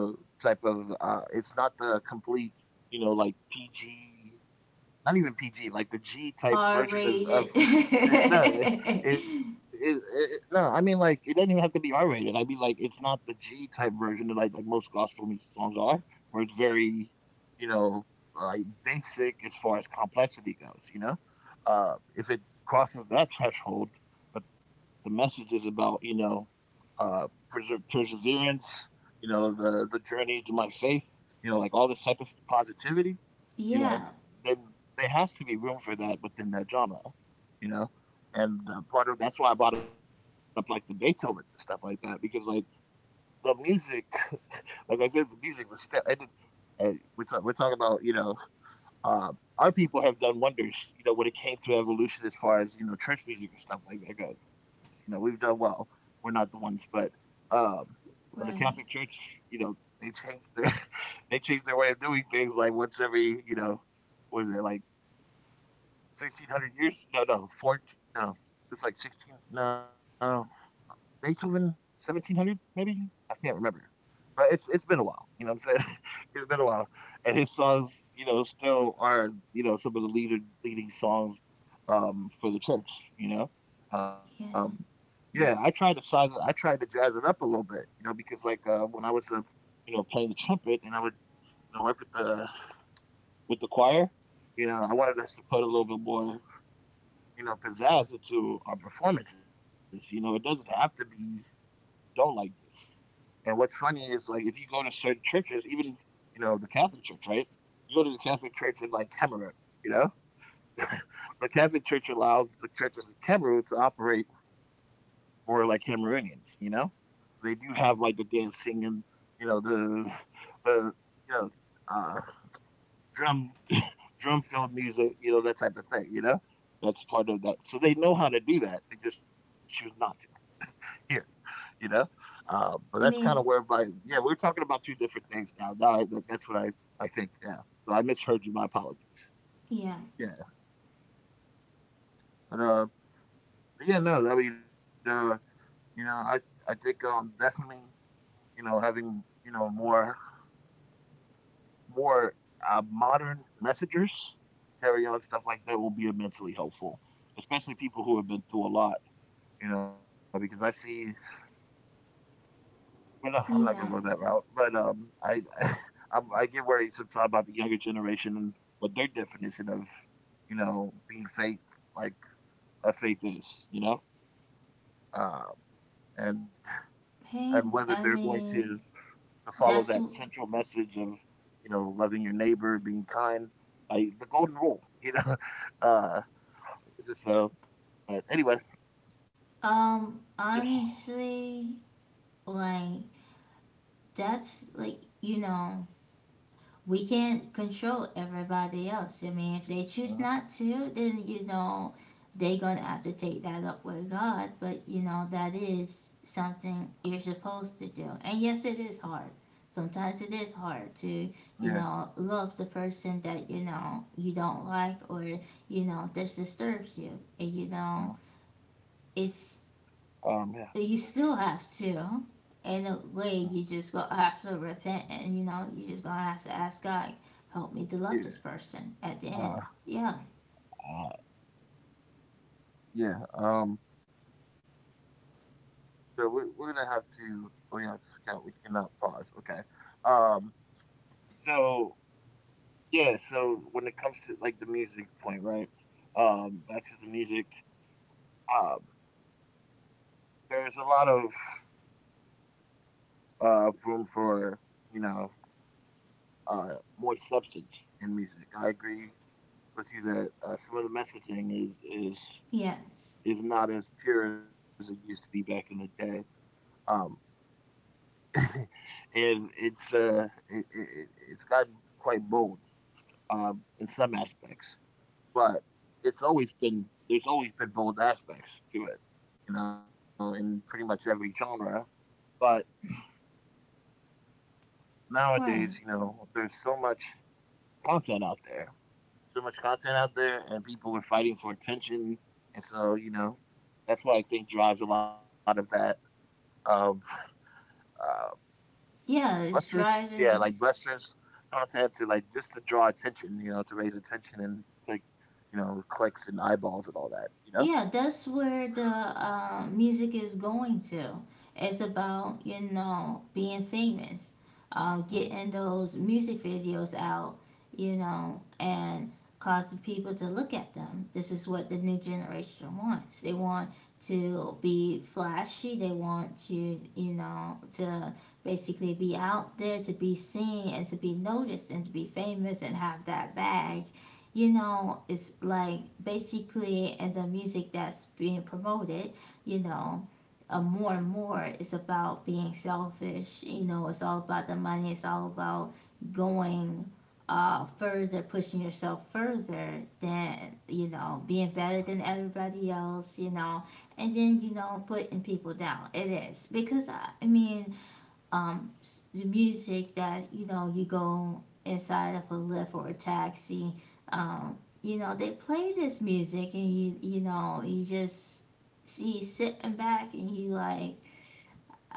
A: you know, type of, it's not the complete, like PG not even PG, like the G
B: R
A: type version
B: rated.
A: of no, it, it, no. I mean, like it doesn't even have to be R rated. I mean, like it's not the G type version that like most gospel music songs are, where it's very, you know, like basic as far as complexity goes. If it crosses that threshold, but the message is about uh, perseverance, the journey to my faith, like all this type of positivity you know,
B: Yeah,
A: then there has to be room for that within that genre, you know. And part of that's why I brought up like the Beethoven and stuff like that because like the music, like I said, the music was still. And we're talking about uh, our people have done wonders when it came to evolution as far as church music and stuff like that goes. We've done well. We're not the ones, but um, when the Catholic
B: right.
A: Church, you know, they changed their they changed their way of doing things like once every was it like 1600 years? No, no, 14. No, it's like 16. No, Beethoven, 1700 maybe? I can't remember. But it's been a while. You know what I'm saying? it's been a while, and his songs, still are some of the leader leading songs for the church. You know, um,
B: Yeah.
A: yeah, I tried to size it. I tried to jazz it up a little bit. Because like when I was playing the trumpet, and I would work with the choir. I wanted us to put a little bit more pizzazz to our performances. It doesn't have to be dull like this. And what's funny is like if you go to certain churches, even the Catholic Church, right? You go to the Catholic Church in like Cameroon, you know, the Catholic Church allows the churches in Cameroon to operate more like Cameroonians. They do have like the dancing and you know the the you know uh, drum drum filled music, that type of thing. That's part of that. So they know how to do that. They just choose not here, you know? But that's kind of
B: I
A: where,
B: mean,
A: yeah, we are talking about two different things now. Now that's what I think, yeah. So I misheard you. My apologies.
B: yeah.
A: Yeah. But, uh, but yeah, no, I mean, you know, I, I think, definitely, having, more, modern messengers to carry on stuff like that will be immensely helpful, especially people who have been through a lot, because I see, well, no, I'm not gonna go that
B: Yeah.
A: route, but I I get worried sometimes about the younger generation and what their definition of being faith like a faith is, you know, um, and and whether
B: Hey,
A: they're going
B: I
A: to
B: mean,
A: to follow that
B: that's
A: central message of loving your neighbor, being kind, like the golden rule. uh, so, but anyway, yeah,
B: honestly like that's like you know we can't control everybody else. I mean, if they choose
A: uh,
B: not to, then you know they gonna have to take that up with God. But you know that is something you're supposed to do. And yes, it is hard. Sometimes it is hard to you
A: yeah,
B: know love the person that you know you don't like or you know this disturbs you. And you
A: you
B: know
A: know,
B: it's
A: yeah,
B: you still have to. In a
A: uh,
B: way, you just gonna have to repent, and you know, you just gonna have to ask God, help me to love this
A: yeah,
B: person. At the
A: uh,
B: end, yeah,
A: uh, yeah. So we're gonna have to. Oh yeah, I forgot we cannot pause. Okay. Um. So yeah. So when it comes to like the music point, right? Back to the music. Um. There's a lot of room for you know more substance in music. I agree with you that some of the messaging is is
B: yes,
A: is not as pure as it used to be back in the day. Um. And it's it, it, it- it's gotten quite bold in some aspects, but it's always been there's always been bold aspects to it, in pretty much every genre. But nowadays,
B: right,
A: there's so much content out there, so much content out there, and people are fighting for attention, and so that's what I think drives a lot of that of uh,
B: yeah.
A: blusters,
B: It's
A: yeah, like
B: driving
A: blusters content to like just to draw attention, to raise attention and clicks and eyeballs and all that.
B: yeah that's where the music is going to. It's about you know being famous,
A: Mhm.
B: getting those music videos out, you know, and causing people to look at them. This is what the new generation wants. They want to be flashy, they want you you know to basically be out there, to be seen and to be noticed and to be famous and have that bag. You know, it's like basically, and the music that's being promoted, you know, more and more is about being selfish. You know, it's all about the money. It's all about going further, pushing yourself further than, you know, being better than everybody else, you know, and then, you know, putting people down. It is because, I mean, music that you know you go inside of a lift or a taxi, um you know they play this music, and you know you just see sitting back and you like,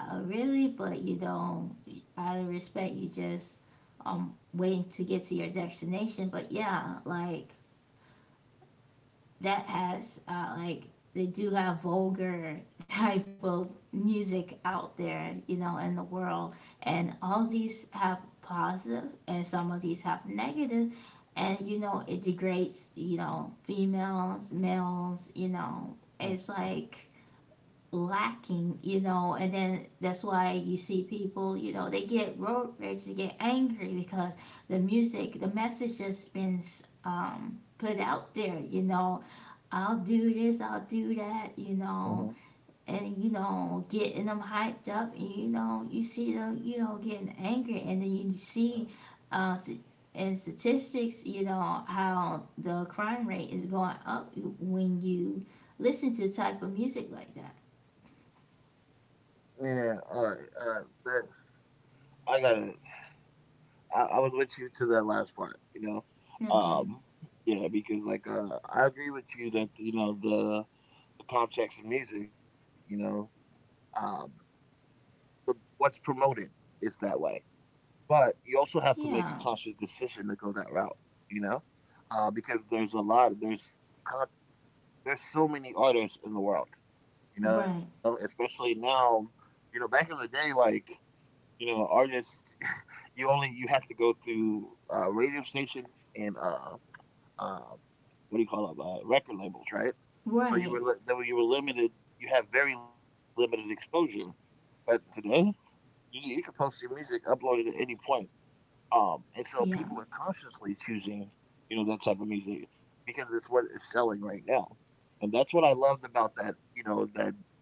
B: oh really, but you know, out of respect you just waiting to get to your destination. But yeah, like that has like, they do have vulgar type of music out there, you know, in the world, and all these have positive, and some of these have negative, and you know it degrades, you know, females, males, you know, it's like lacking, you know, and then that's why you see people, you know, they get road rage, they get angry because the music, the message has been put out there, you know, I'll do this, I'll do that, you know,
A: hmm
B: and you know, getting them hyped up, and you know, you see them, you know, getting angry, and then you see, uh, s- in statistics, you know, how the crime rate is going up when you listen to the type of music like that.
A: Yeah, all right. That's I gotta. I was with you to that last part. Know,
B: Okay.
A: um, yeah, because like I agree with you that the context of music. Um, the what's promoted is that way, but you also have to make a
B: Yeah.
A: conscious decision to go that route. You know, because there's a lot. Con- there's so many artists in the world.
B: Right.
A: Especially now. Back in the day, like. Artists, you have to go through radio stations and uh, what do you call them? Record labels, right? So
B: Right.
A: though you were limited. You have very limited exposure. But today, you can post your music, upload it at any point. And so people
B: Yeah.
A: are consciously choosing, that type of music because it's what is selling right now. And that's what I loved about that, that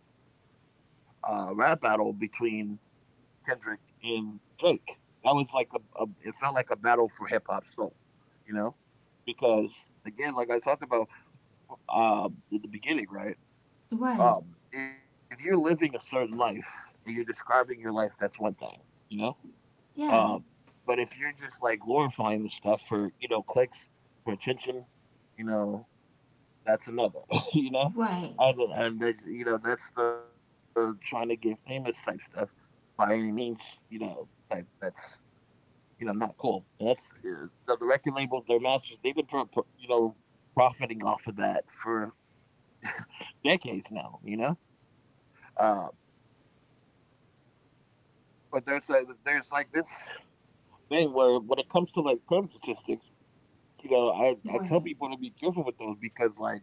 A: rap battle between Kendrick and Drake. That was like a it felt like a battle for hip hop soul, you know? Because again, like I talked about at the beginning, right?
B: Right.
A: If you're living a certain life and you're describing your life, that's one thing, you know. Uh,
B: Yeah.
A: but if you're just like glorifying the stuff for clicks, for attention, you know, that's another. you know.
B: Right.
A: And that's, you know that's the trying to get famous type stuff by any means, you know, type that's You know, not cool. And that's the record labels, their masters, they've been profiting off of that for decades now. Uh, but there's like this thing where when it comes to like crime statistics, I tell
B: Right.
A: people to be careful with those because like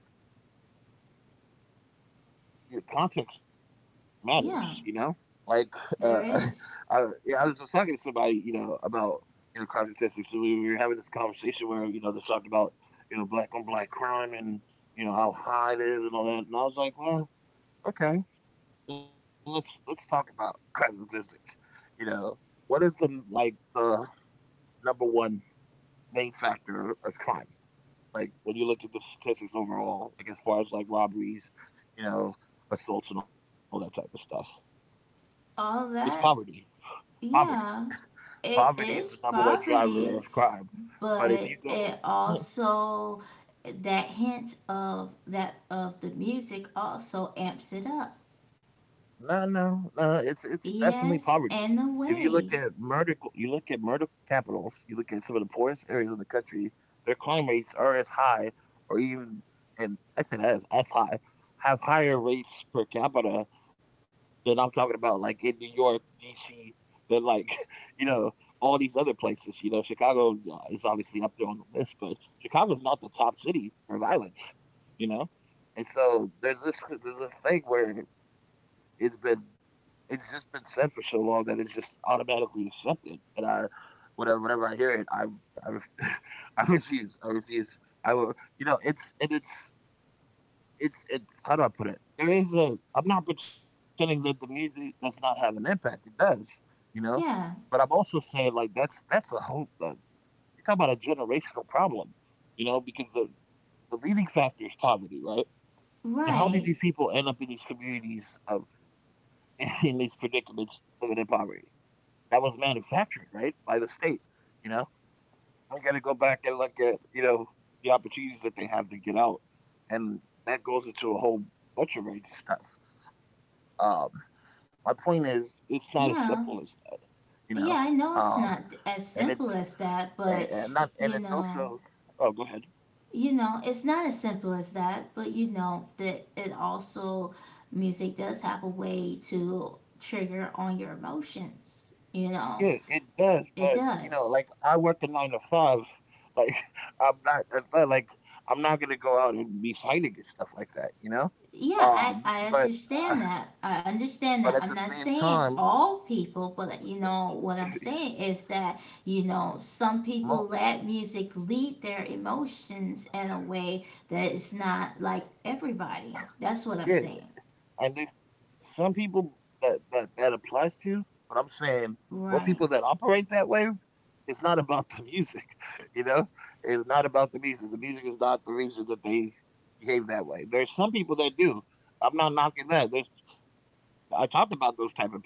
A: your context matters,
B: Yeah.
A: you know? Like,
B: There
A: uh,
B: is
A: yeah, I was just talking to somebody, about, crime statistics. So we were having this conversation where, they talked about, black on black crime and, how high it is and all that. And I was like, well, okay, then let's talk about crime statistics. You know, what is like, the number one main factor of crime? Like, when you look at the statistics overall, like, as far as like robberies, you know, assaults and all that type of stuff.
B: all
A: It's
B: that.
A: poverty. Poverty.
B: Yeah, it is
A: Poverty is the number one
B: poverty,
A: driver of crime.
B: but
A: But if you
B: it
A: go.
B: also, that hint of that of the music also amps it up.
A: No, no, no. It's definitely
B: Yes,
A: poverty.
B: and the
A: If you look
B: way.
A: at murder, you look at murder capitals. You look at some of the poorest areas of the country. Their crime rates are as high, or even, and I say that as high, have higher rates per capita than I'm talking about, like in New York, D.C., than like you know all these other places. Chicago is obviously up there on the list, but Chicago's not the top city for violence. You know, and so there's this thing where it's been it's just been said for so long that it's just automatically accepted. And whenever I hear it, I, ref- I refuse. I refuse. I will. You know, it's and it's it's how do I put it? There is a. I'm not pretending that the music does not have an impact. It does. You know, but I'm
B: Yeah,
A: also saying like that's a whole. You talk about a generational problem. Because the leading factor is poverty, right? And how do
B: right.
A: these people end up in these communities of in these predicaments living in poverty? That was manufactured, right, by the state. You know, we got to go back and look at the opportunities that they have to get out, and that goes into a whole bunch of range of stuff. Um, my point is, it's not as
B: Yeah,
A: simple as that. You
B: yeah.
A: know,
B: I know it's
A: um,
B: not as
A: and
B: simple
A: it's
B: as that, but
A: and not
B: you
A: and it's
B: know,
A: also. Oh, go ahead.
B: you know, it's not as simple as that. But you know that it also, music does have a way to trigger on your emotions. You
A: Yeah,
B: know,
A: it does, but
B: it
A: like
B: does.
A: I work a nine to five. Like I'm not, it's not like I'm not gonna go out and be fighting and stuff like that.
B: Yeah, I, I
A: But
B: understand that. I
A: but at the
B: understand that.
A: same
B: I'm not
A: time,
B: saying all people, but you know, what I'm saying is that, you know, some
A: mo-
B: people let music lead their emotions in a way that is not like everybody. That's what I'm
A: yeah.
B: saying.
A: And there's some people that that applies to, but I'm saying most people that
B: Right,
A: operate that way, it's not about the music, you know? It's not about the music. The music is not the reason that they behave that way. There's some people that do. I'm not knocking that. There's I talked about those type of people, right?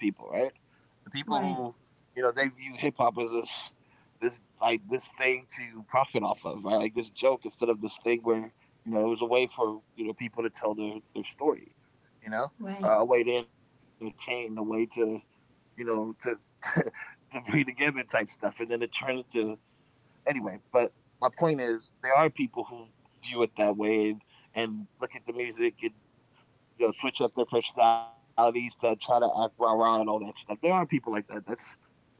A: The people who,
B: right,
A: you know, they view hip hop as this like this thing to profit off of, right? Like this joke instead of this thing where you know it was a way for you know people to tell their story, you know,
B: right,
A: a way to entertain, a way to, you know, to bring together type stuff, and then it turned into anyway. But my point is, there are people who view it that way and look at the music and, you know, switch up their personalities to try to act rah rah and all that stuff. There are people like that.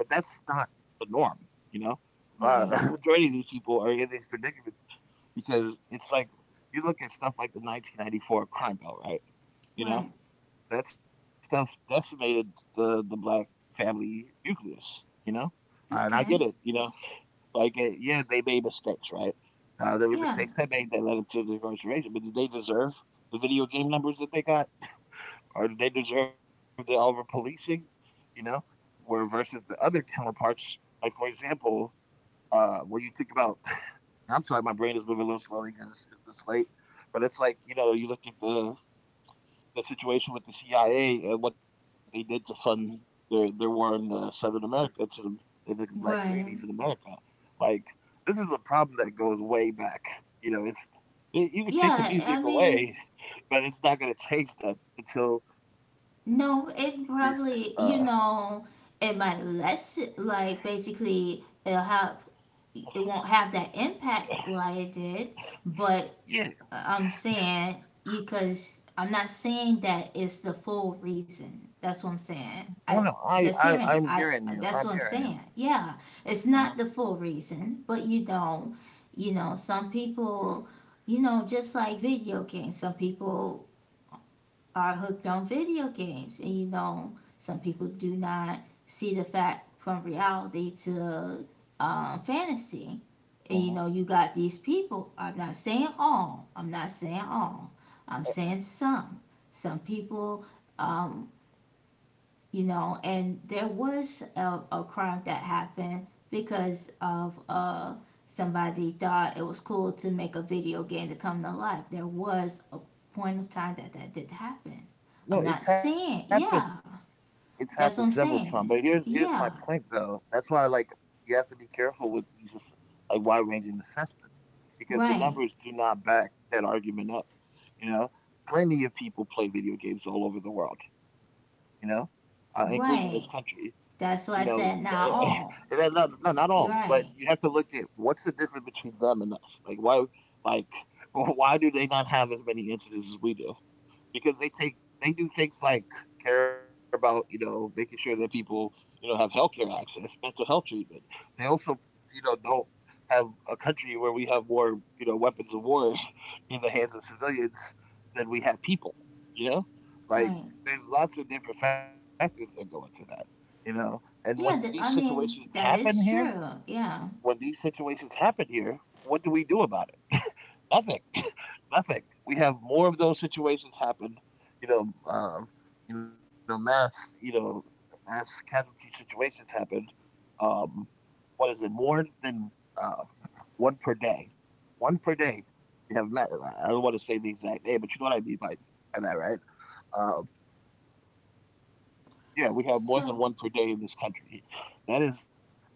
A: But that's not the norm. You know,
B: right,
A: uh, majority of these people are in these predicaments because it's like you look at stuff like the 1994 crime bill, right? You know,
B: right.
A: that stuff decimated the black family nucleus. You know, and I
B: Okay.
A: get it. You know, like yeah, they made mistakes, right? There were
B: Yeah,
A: mistakes they made that led to the incarceration, but did they deserve the video game numbers that they got? Or they deserve the over policing, you know, where versus the other counterparts. Like for example, when you think about, I'm sorry, my brain is moving a little slowly because it's late, but it's like, you know, you look at the situation with the CIA and what they did to fund their war in Southern America to in the black
B: right.
A: communities in America. Like this is a problem that goes way back. You know, it's you
B: Yeah,
A: can
B: I
A: take the
B: mean,
A: music away, but it's not going to change that until
B: no,
A: we
B: it probably, you know, it might less, like, basically, it'll have,
A: oh,
B: it won't have that impact like it did, but
A: yeah.
B: I'm saying, because I'm not saying that it's the full reason. That's what I'm saying. I,
A: Oh no,
B: just hearing,
A: I'm
B: I,
A: hearing you.
B: that's what
A: I'm
B: I'm
A: hearing
B: saying.
A: you.
B: Yeah, it's not the
A: Uh-huh.
B: full reason, but you know, some people, you know, just like video games, some people are hooked on video games. And you know, some people do not see the fact from reality to fantasy. And you know, you got
A: Uh-huh.
B: these people. I'm not saying all. I'm not saying all. I'm saying
A: Uh,
B: some. Some people, um, you know, and there was a crime that happened because of somebody thought it was cool to make a video game to come to life. There was a point of time that that did happen. I'm not
A: No, it's
B: saying,
A: happened.
B: yeah,
A: It's happened
B: that's what I'm
A: several times. But
B: saying.
A: here's my
B: Yeah,
A: point though. That's why like you have to be careful with these like wide ranging assessments because the
B: right,
A: numbers do not back that argument up. You know, plenty of people play video games all over the world. You know, including this
B: right.
A: country. You
B: That's what
A: know,
B: I said. Not all.
A: not, not all,
B: Right.
A: but you
B: Right,
A: have to look at what's the difference between them and us. Like why, like why do they not have as many incidents as we do? Because they take they do things like care about, you know, making sure that people, you know, have healthcare access, mental health treatment. They also, you know, don't have a country where we have more, you know, weapons of war in the hands of civilians than we have people. You know, like
B: right.
A: there's lots of different factors that go into that. You know, and
B: Yeah, I mean that is true.
A: when
B: Yeah.
A: these situations happen here, what do we do about it? Nothing. Nothing. We have more of those situations happen. You know, you know, you know, mass casualty situations happen. Um, what is it? More than uh, one per day. One per day. We have not. I don't want to say the exact name, but you know what I mean by that, right? Um, yeah, we have more than
B: So
A: one per day in this country. That is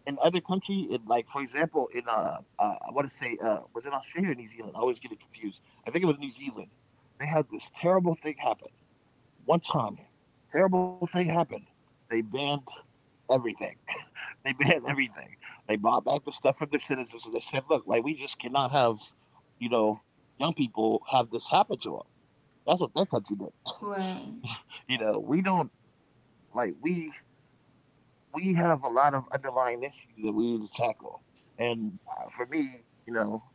A: in other country, in like for example, in I want to say was it Australia or New Zealand? I always get it confused. I think it was New Zealand. They had this terrible thing happen one time. Terrible thing happened. They banned everything. they banned everything. They bought back the stuff from their citizens, and they said, "Look, like we just cannot have, you know, young people have this happen to them." That's what their country did.
B: right,
A: You know, we don't like we have a lot of underlying issues that we need to tackle. And for me, you know,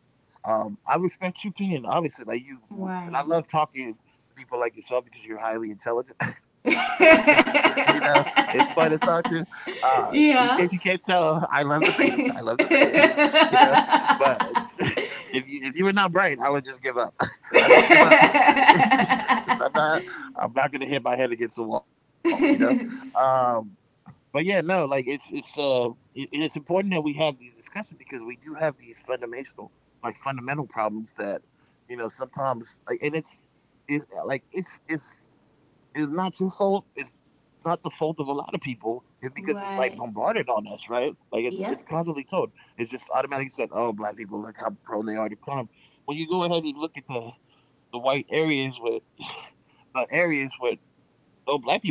A: I respect your opinion, obviously. Like you, and
B: right.
A: I love talking to people like yourself because you're highly intelligent. you
B: yeah.
A: know, it's fun to talk to. Uh, in case you can't tell, I love debating. I love debating. You know, but if you were not bright, I would just give up. I just give up. I'm not. I'm not gonna hit my head against the wall. You know. Um, but yeah, no, like it's important that we have these discussions because we do have these fundamental like fundamental problems that, you know, sometimes like and it's it like it's not your fault. It's not the fault of a lot of people. It's because it's like
B: Why?
A: bombarded on us, right? Like
B: Yeah,
A: it's constantly told. It's just automatically said, "Oh, black people, look how prone they are to crime." When you go ahead and look at the white areas with the areas with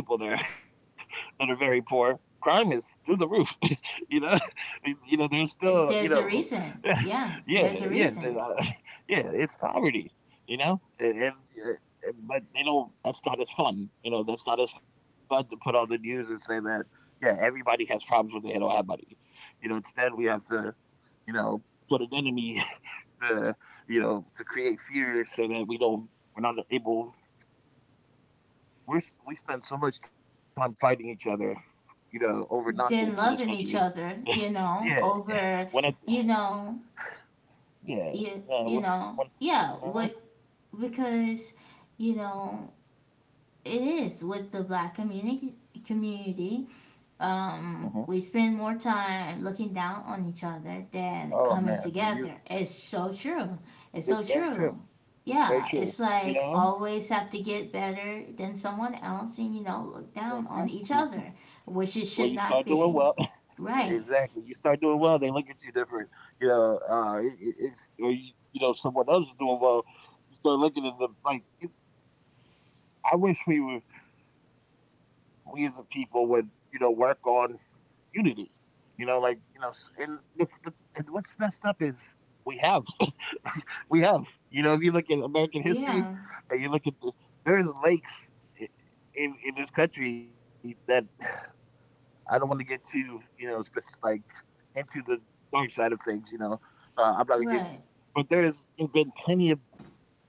A: no black people there that are very poor. Crime is through the roof. you know, you know, there's still,
B: there's
A: you
B: a
A: know,
B: reason. Yeah, there's a
A: yeah,
B: reason.
A: yeah. It's poverty. You know, but they don't. That's not as fun. You know, that's not as fun to put on the news and say that. Yeah, everybody has problems when they don't have money. You know, instead we have to, you know, put an enemy to, you know, to create fear so that we don't, we're not able we spend so much time fighting each other, you know, over
B: Then loving
A: nonsense in this
B: each
A: country.
B: other, you know,
A: yeah, yeah.
B: over,
A: when I
B: you know,
A: yeah,
B: you
A: yeah,
B: know,
A: wh- when,
B: yeah, what,
A: uh-huh,
B: because, you know, it is with the black community, community,
A: uh-huh.
B: we spend more time looking down on each other than
A: Oh
B: coming
A: man,
B: together.
A: you
B: It's so true. It's so
A: it's very
B: true.
A: true,
B: Yeah,
A: very
B: it's
A: true.
B: like
A: You know,
B: always have to get better than someone else and, you know, look
A: uh-huh,
B: down on
A: uh-huh.
B: each other,
A: When
B: which
A: you
B: it
A: start
B: should
A: doing
B: not
A: well,
B: be. Right.
A: exactly, you start doing well, they look at you different. You know, it's or you know, someone else is doing well, you start looking at them like. I wish we as a people would, you know, work on unity. You know, like you know, s- and this, the, and what's messed up is we have, we have. You know, if you look at American history,
B: Yeah.
A: and you look at there's lakes i- in this country that I don't want to get too, you know, like into the dark side of things. You know, I'm not gonna get,
B: Right.
A: but there's been plenty of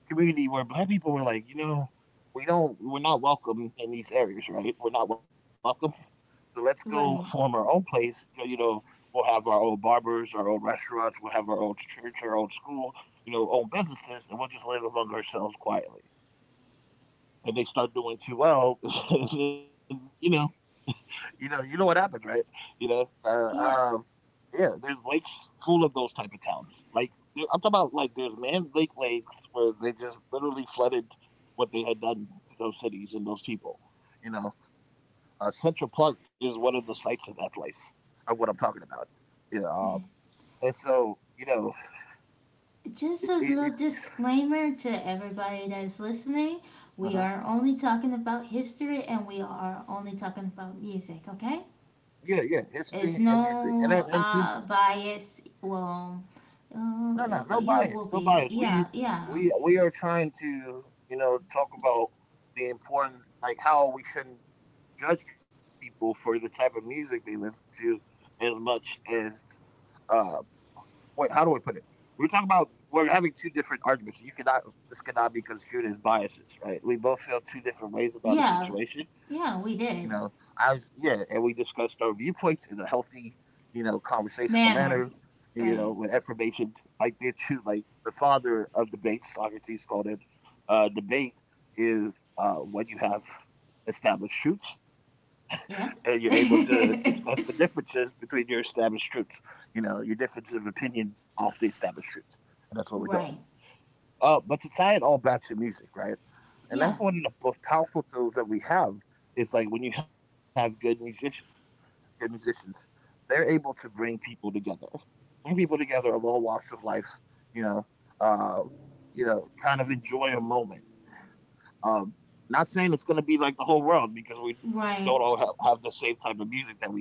A: community where black people were like, you know, we don't, we're not welcome in these areas, right? We're not welcome. So let's go form
B: Right.
A: our own place. You know, we'll have our own barbers, our own restaurants, we'll have our own church, our own school, you know, own businesses, and we'll just live among ourselves quietly. And they start doing too well, and you know what happens, right? You know, so,
B: Yeah.
A: yeah, there's lakes full of those type of towns. Like I'm talking about, like there's man lake lakes where they just literally flooded what they had done to those cities and those people. You know, Central Park is one of the sites of that place of what I'm talking about. Yeah,
B: Right.
A: and so you know,
B: Just a little
A: it's
B: disclaimer to everybody that's listening. We are
A: uh
B: only talking about history and we are only talking about music, okay?
A: yeah, yeah, history and
B: It's
A: music, and
B: no
A: and to
B: bias. Well,
A: no,
B: uh,
A: no, no
B: you
A: bias,
B: will
A: no
B: be.
A: bias.
B: Yeah, yeah,
A: We are trying to, you know, talk about the importance, like how we shouldn't judge people for the type of music they listen to, as much as uh wait, how do I put it? We're talking about we're having two different arguments. So you cannot this cannot be construed as biases, right? We both feel two different ways about a
B: yeah,
A: situation. You
B: yeah. We
A: know,
B: did
A: yeah, and we discussed our viewpoints in a healthy, you know, conversational manner.
B: manner.
A: You know,
B: Right.
A: with information like the two, like the father of debate, Socrates called it. Debate is when you have established truths and you're
B: Yeah.
A: able to discuss the differences between your established truths. You know, your differences of opinion off the established truths, and that's what we're doing.
B: right.
A: But to tie it all back to music, right? And
B: Yeah.
A: that's one of the most powerful tools that we have. Is like when you have good musicians, they're able to bring people together of all walks of life. You know, uh, you know, kind of enjoy a moment, um, not saying it's going to be like the whole world because we don't all
B: Right.
A: have the same type of music that we enjoy,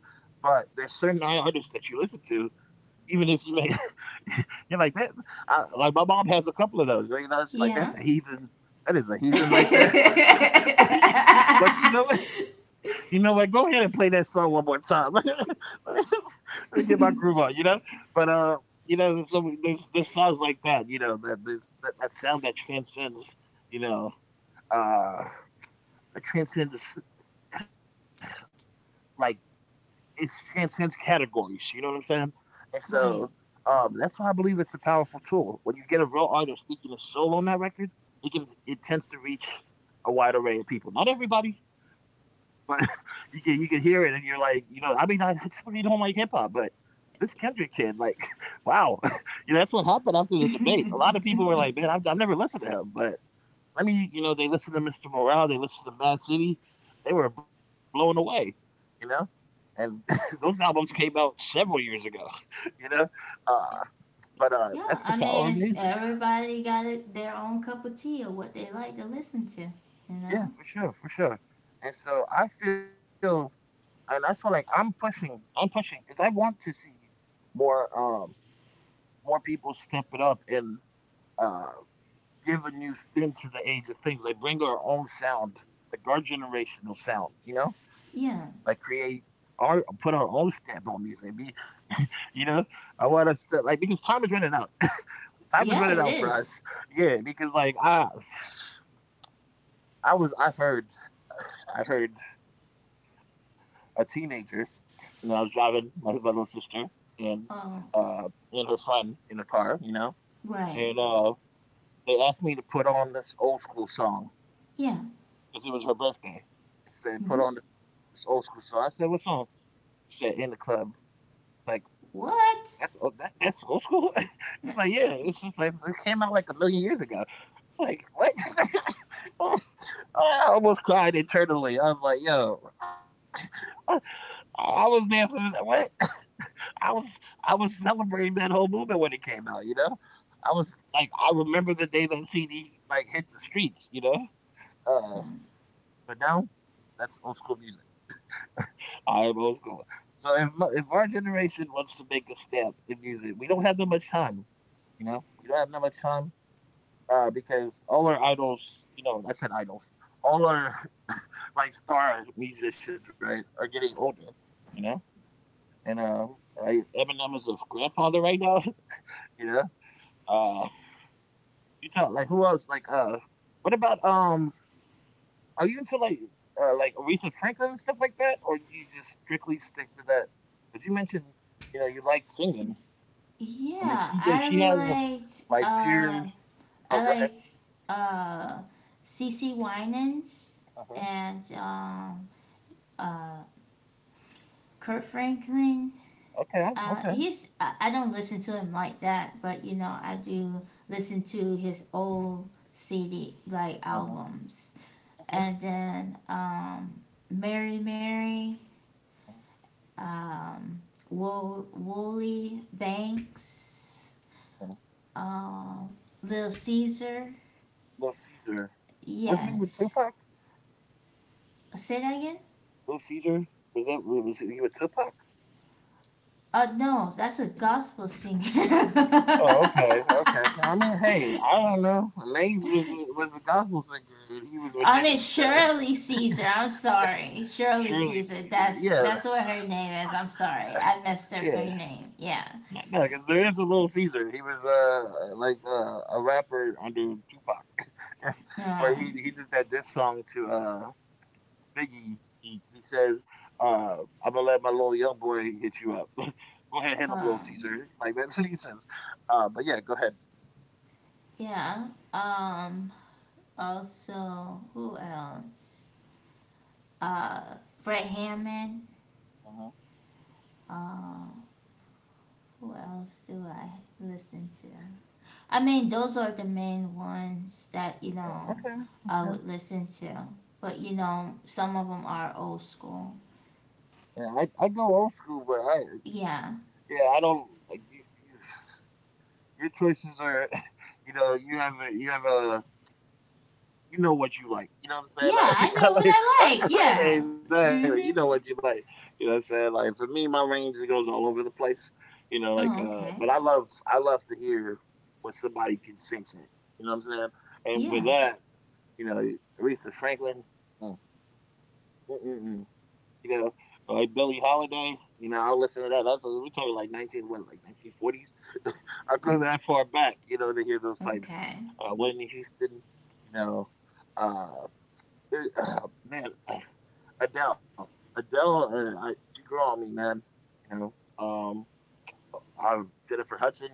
A: but there's certain artists that you listen to, even if you may, you're like that. I, like my mom has a couple of those. You know, it's like that's
B: Yeah.
A: a heathen. That is a heathen right there. but, but you know what? Go ahead and play that song one more time. Let me get my groove on. You know, but you know, there's songs like that. You know, that there's that sound that transcends. You know, uh it transcends like it transcends categories, you know what I'm saying? And so
B: right.
A: that's why I believe it's a powerful tool. When you get a real artist speaking his soul on that record, it can it tends to reach a wide array of people. Not everybody, but you can hear it and you're like, you know, I mean I typically don't like hip hop, but this Kendrick kid, like, wow, you know, that's what happened after the debate. A lot of people were like, "Man, I've never listened to him," but I mean, you know, they listened to Mr. Morale, they listened to Mad City, they were blown away, you know. And those albums came out several years ago, you know. Uh, but that's the
B: yeah. I
A: power of
B: mean,
A: music.
B: everybody got it, their own cup of tea or what they like to listen to. You know.
A: Yeah, for sure, for sure. And so I feel, and that's what like I'm pushing because I want to see more, more people step it up and uh, give a new spin to the age of things. Like bring our own sound, like our generational sound, you know?
B: Yeah.
A: Like create our put our own stamp on music. You know, I want us to like because time is running out. Time is
B: Yeah,
A: running
B: it
A: out for us.
B: is.
A: Yeah, because I heard I heard a teenager, you know, I was driving my little sister and
B: Oh,
A: uh and her friend in the car, you know,
B: right.
A: and they asked me to put on this old school song
B: Yeah.
A: because it was her birthday. She said, "Put on
B: Hmm.
A: this old school." song. I said, "What song?" She said, "In the club." Like
B: What?
A: that's old school. It's like,
B: N-
A: "Yeah." It's just like it came out like a million years ago. Like what? Oh, I almost cried internally. I was like, "Yo, I, I was dancing." What? I was I was celebrating that whole movement when it came out. You know, I was like, I remember the day that CD like hit the streets. You know, uh, but now that's old school music. I was going. So if if our generation wants to make a step in music, we don't have that much time. You know, we don't have that much time because all our idols, you know, I said idols, all our like star musicians, right, are getting older. You know, and Eminem is a grandfather right now. you know, uh, you talk like who else? Like what about Are you into like Aretha Franklin and stuff like that, or do you just strictly stick to that? Because you mentioned, you know, you like singing. I mean,
B: Yeah,
A: she did.
B: I
A: She has a
B: liked.
A: like pure. Oh,
B: I
A: go ahead.
B: like uh, CC Winans,
A: Uh huh.
B: and uh, Kurt Franklin.
A: Okay. Okay.
B: He's. I don't listen to him like that, but you know, I do listen to his old CD like
A: Uh huh.
B: albums,
A: Uh huh.
B: and then Mary Mary, um, Wooly Banks,
A: Uh-huh.
B: uh, Little Caesar.
A: Little Caesar. What's his name with
B: Yes.
A: Tupac?
B: Say that again?
A: Little Caesar. Was he with Tupac?
B: No, that's a gospel singer.
A: Oh, okay, okay. I mean, hey, I don't know. Maze was a gospel singer, and he was with
B: I mean
A: Diddy, so
B: Shirley Caesar. I'm sorry, Shirley
A: surely
B: Caesar.
A: Caesar. Yeah,
B: That's what her name is. I'm sorry, I messed up her
A: yeah.
B: name. Yeah.
A: No, because there is a Little Caesar. He was like a rapper under Tupac, where
B: No.
A: he did that diss song to Biggie. He says, uh, "I'm gonna let my little young boy hit you up. go ahead, hit him, Little
B: Um.
A: Caesar." Like that's what he says. But yeah, go ahead.
B: Yeah. Um. Also, who else? uh, Fred Hammond.
A: Uh-huh.
B: Uh, who else do I listen to? I mean, those are the main ones that you
A: Yeah,
B: know
A: okay,
B: I
A: okay.
B: would listen to. But you know, some of them are old school.
A: Yeah, I go old school, but I
B: Yeah,
A: yeah I don't like you. Your choices are, you know, you have a you know what you like. You know what
B: yeah, I know
A: I'm
B: what
A: saying?
B: I like.
A: right?
B: Yeah.
A: exactly. You know what
B: Mhm.
A: you like. You know what I'm saying? Like for me, my range it goes all over the place. You know, like
B: Oh,
A: but
B: okay.
A: I love to hear what somebody can sing. You know what I'm saying? And for
B: Yeah.
A: that, you know, Aretha Franklin. Mm, mm, mm, mm, You know, like Billie Holiday. You know, I'll listen to that. That's we're talking like 19 what, like 1940s. I go that far back. You know, to hear those pipes.
B: Okay.
A: Whitney Houston. You know. uh, there- oh, man, Adele, Adele, she grew on me, man. You know, I Jennifer Hudson.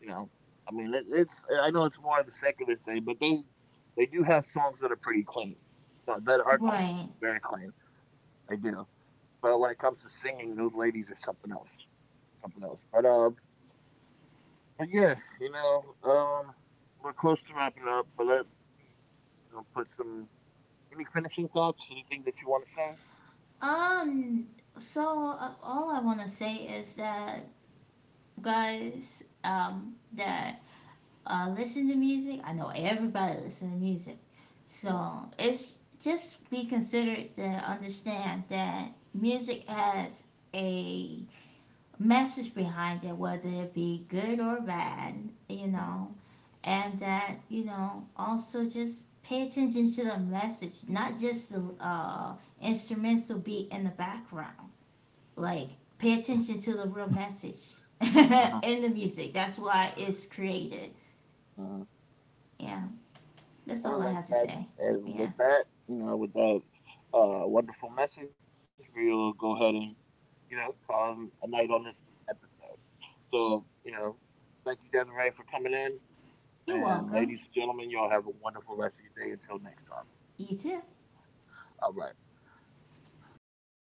A: You know, I mean, it's I know it's more of the secular thing, but they do have songs that are pretty clean, that are clean,
B: Right.
A: very clean. They do, but when it comes to singing, those ladies are something else, something else. But yeah, you know, we're close to wrapping up, but let me you know, put some any finishing thoughts, anything that you want to say.
B: Um. So all I want to say is that guys, that listen to music. I know everybody listen to music.
A: Uh,
B: So it's just be considerate to understand that music has a message behind it, whether it be good or bad, you
A: Mhm.
B: know, and that, you know, also just pay attention to the message, not just the instrumental beat in the background. Like, pay attention to the real message
A: Uh-huh.
B: in the music. That's why it's created.
A: Uh-huh.
B: Yeah. That's
A: Well,
B: all I
A: like
B: have to
A: that,
B: say.
A: and with
B: Yeah.
A: that, you know, with that wonderful message, we'll go ahead and, you know, call it a night on this episode. So, you know, thank you, Desiree, for coming in.
B: You're
A: And
B: welcome.
A: ladies and gentlemen, y'all have a wonderful rest of your day until next time.
B: You too.
A: All right. All right.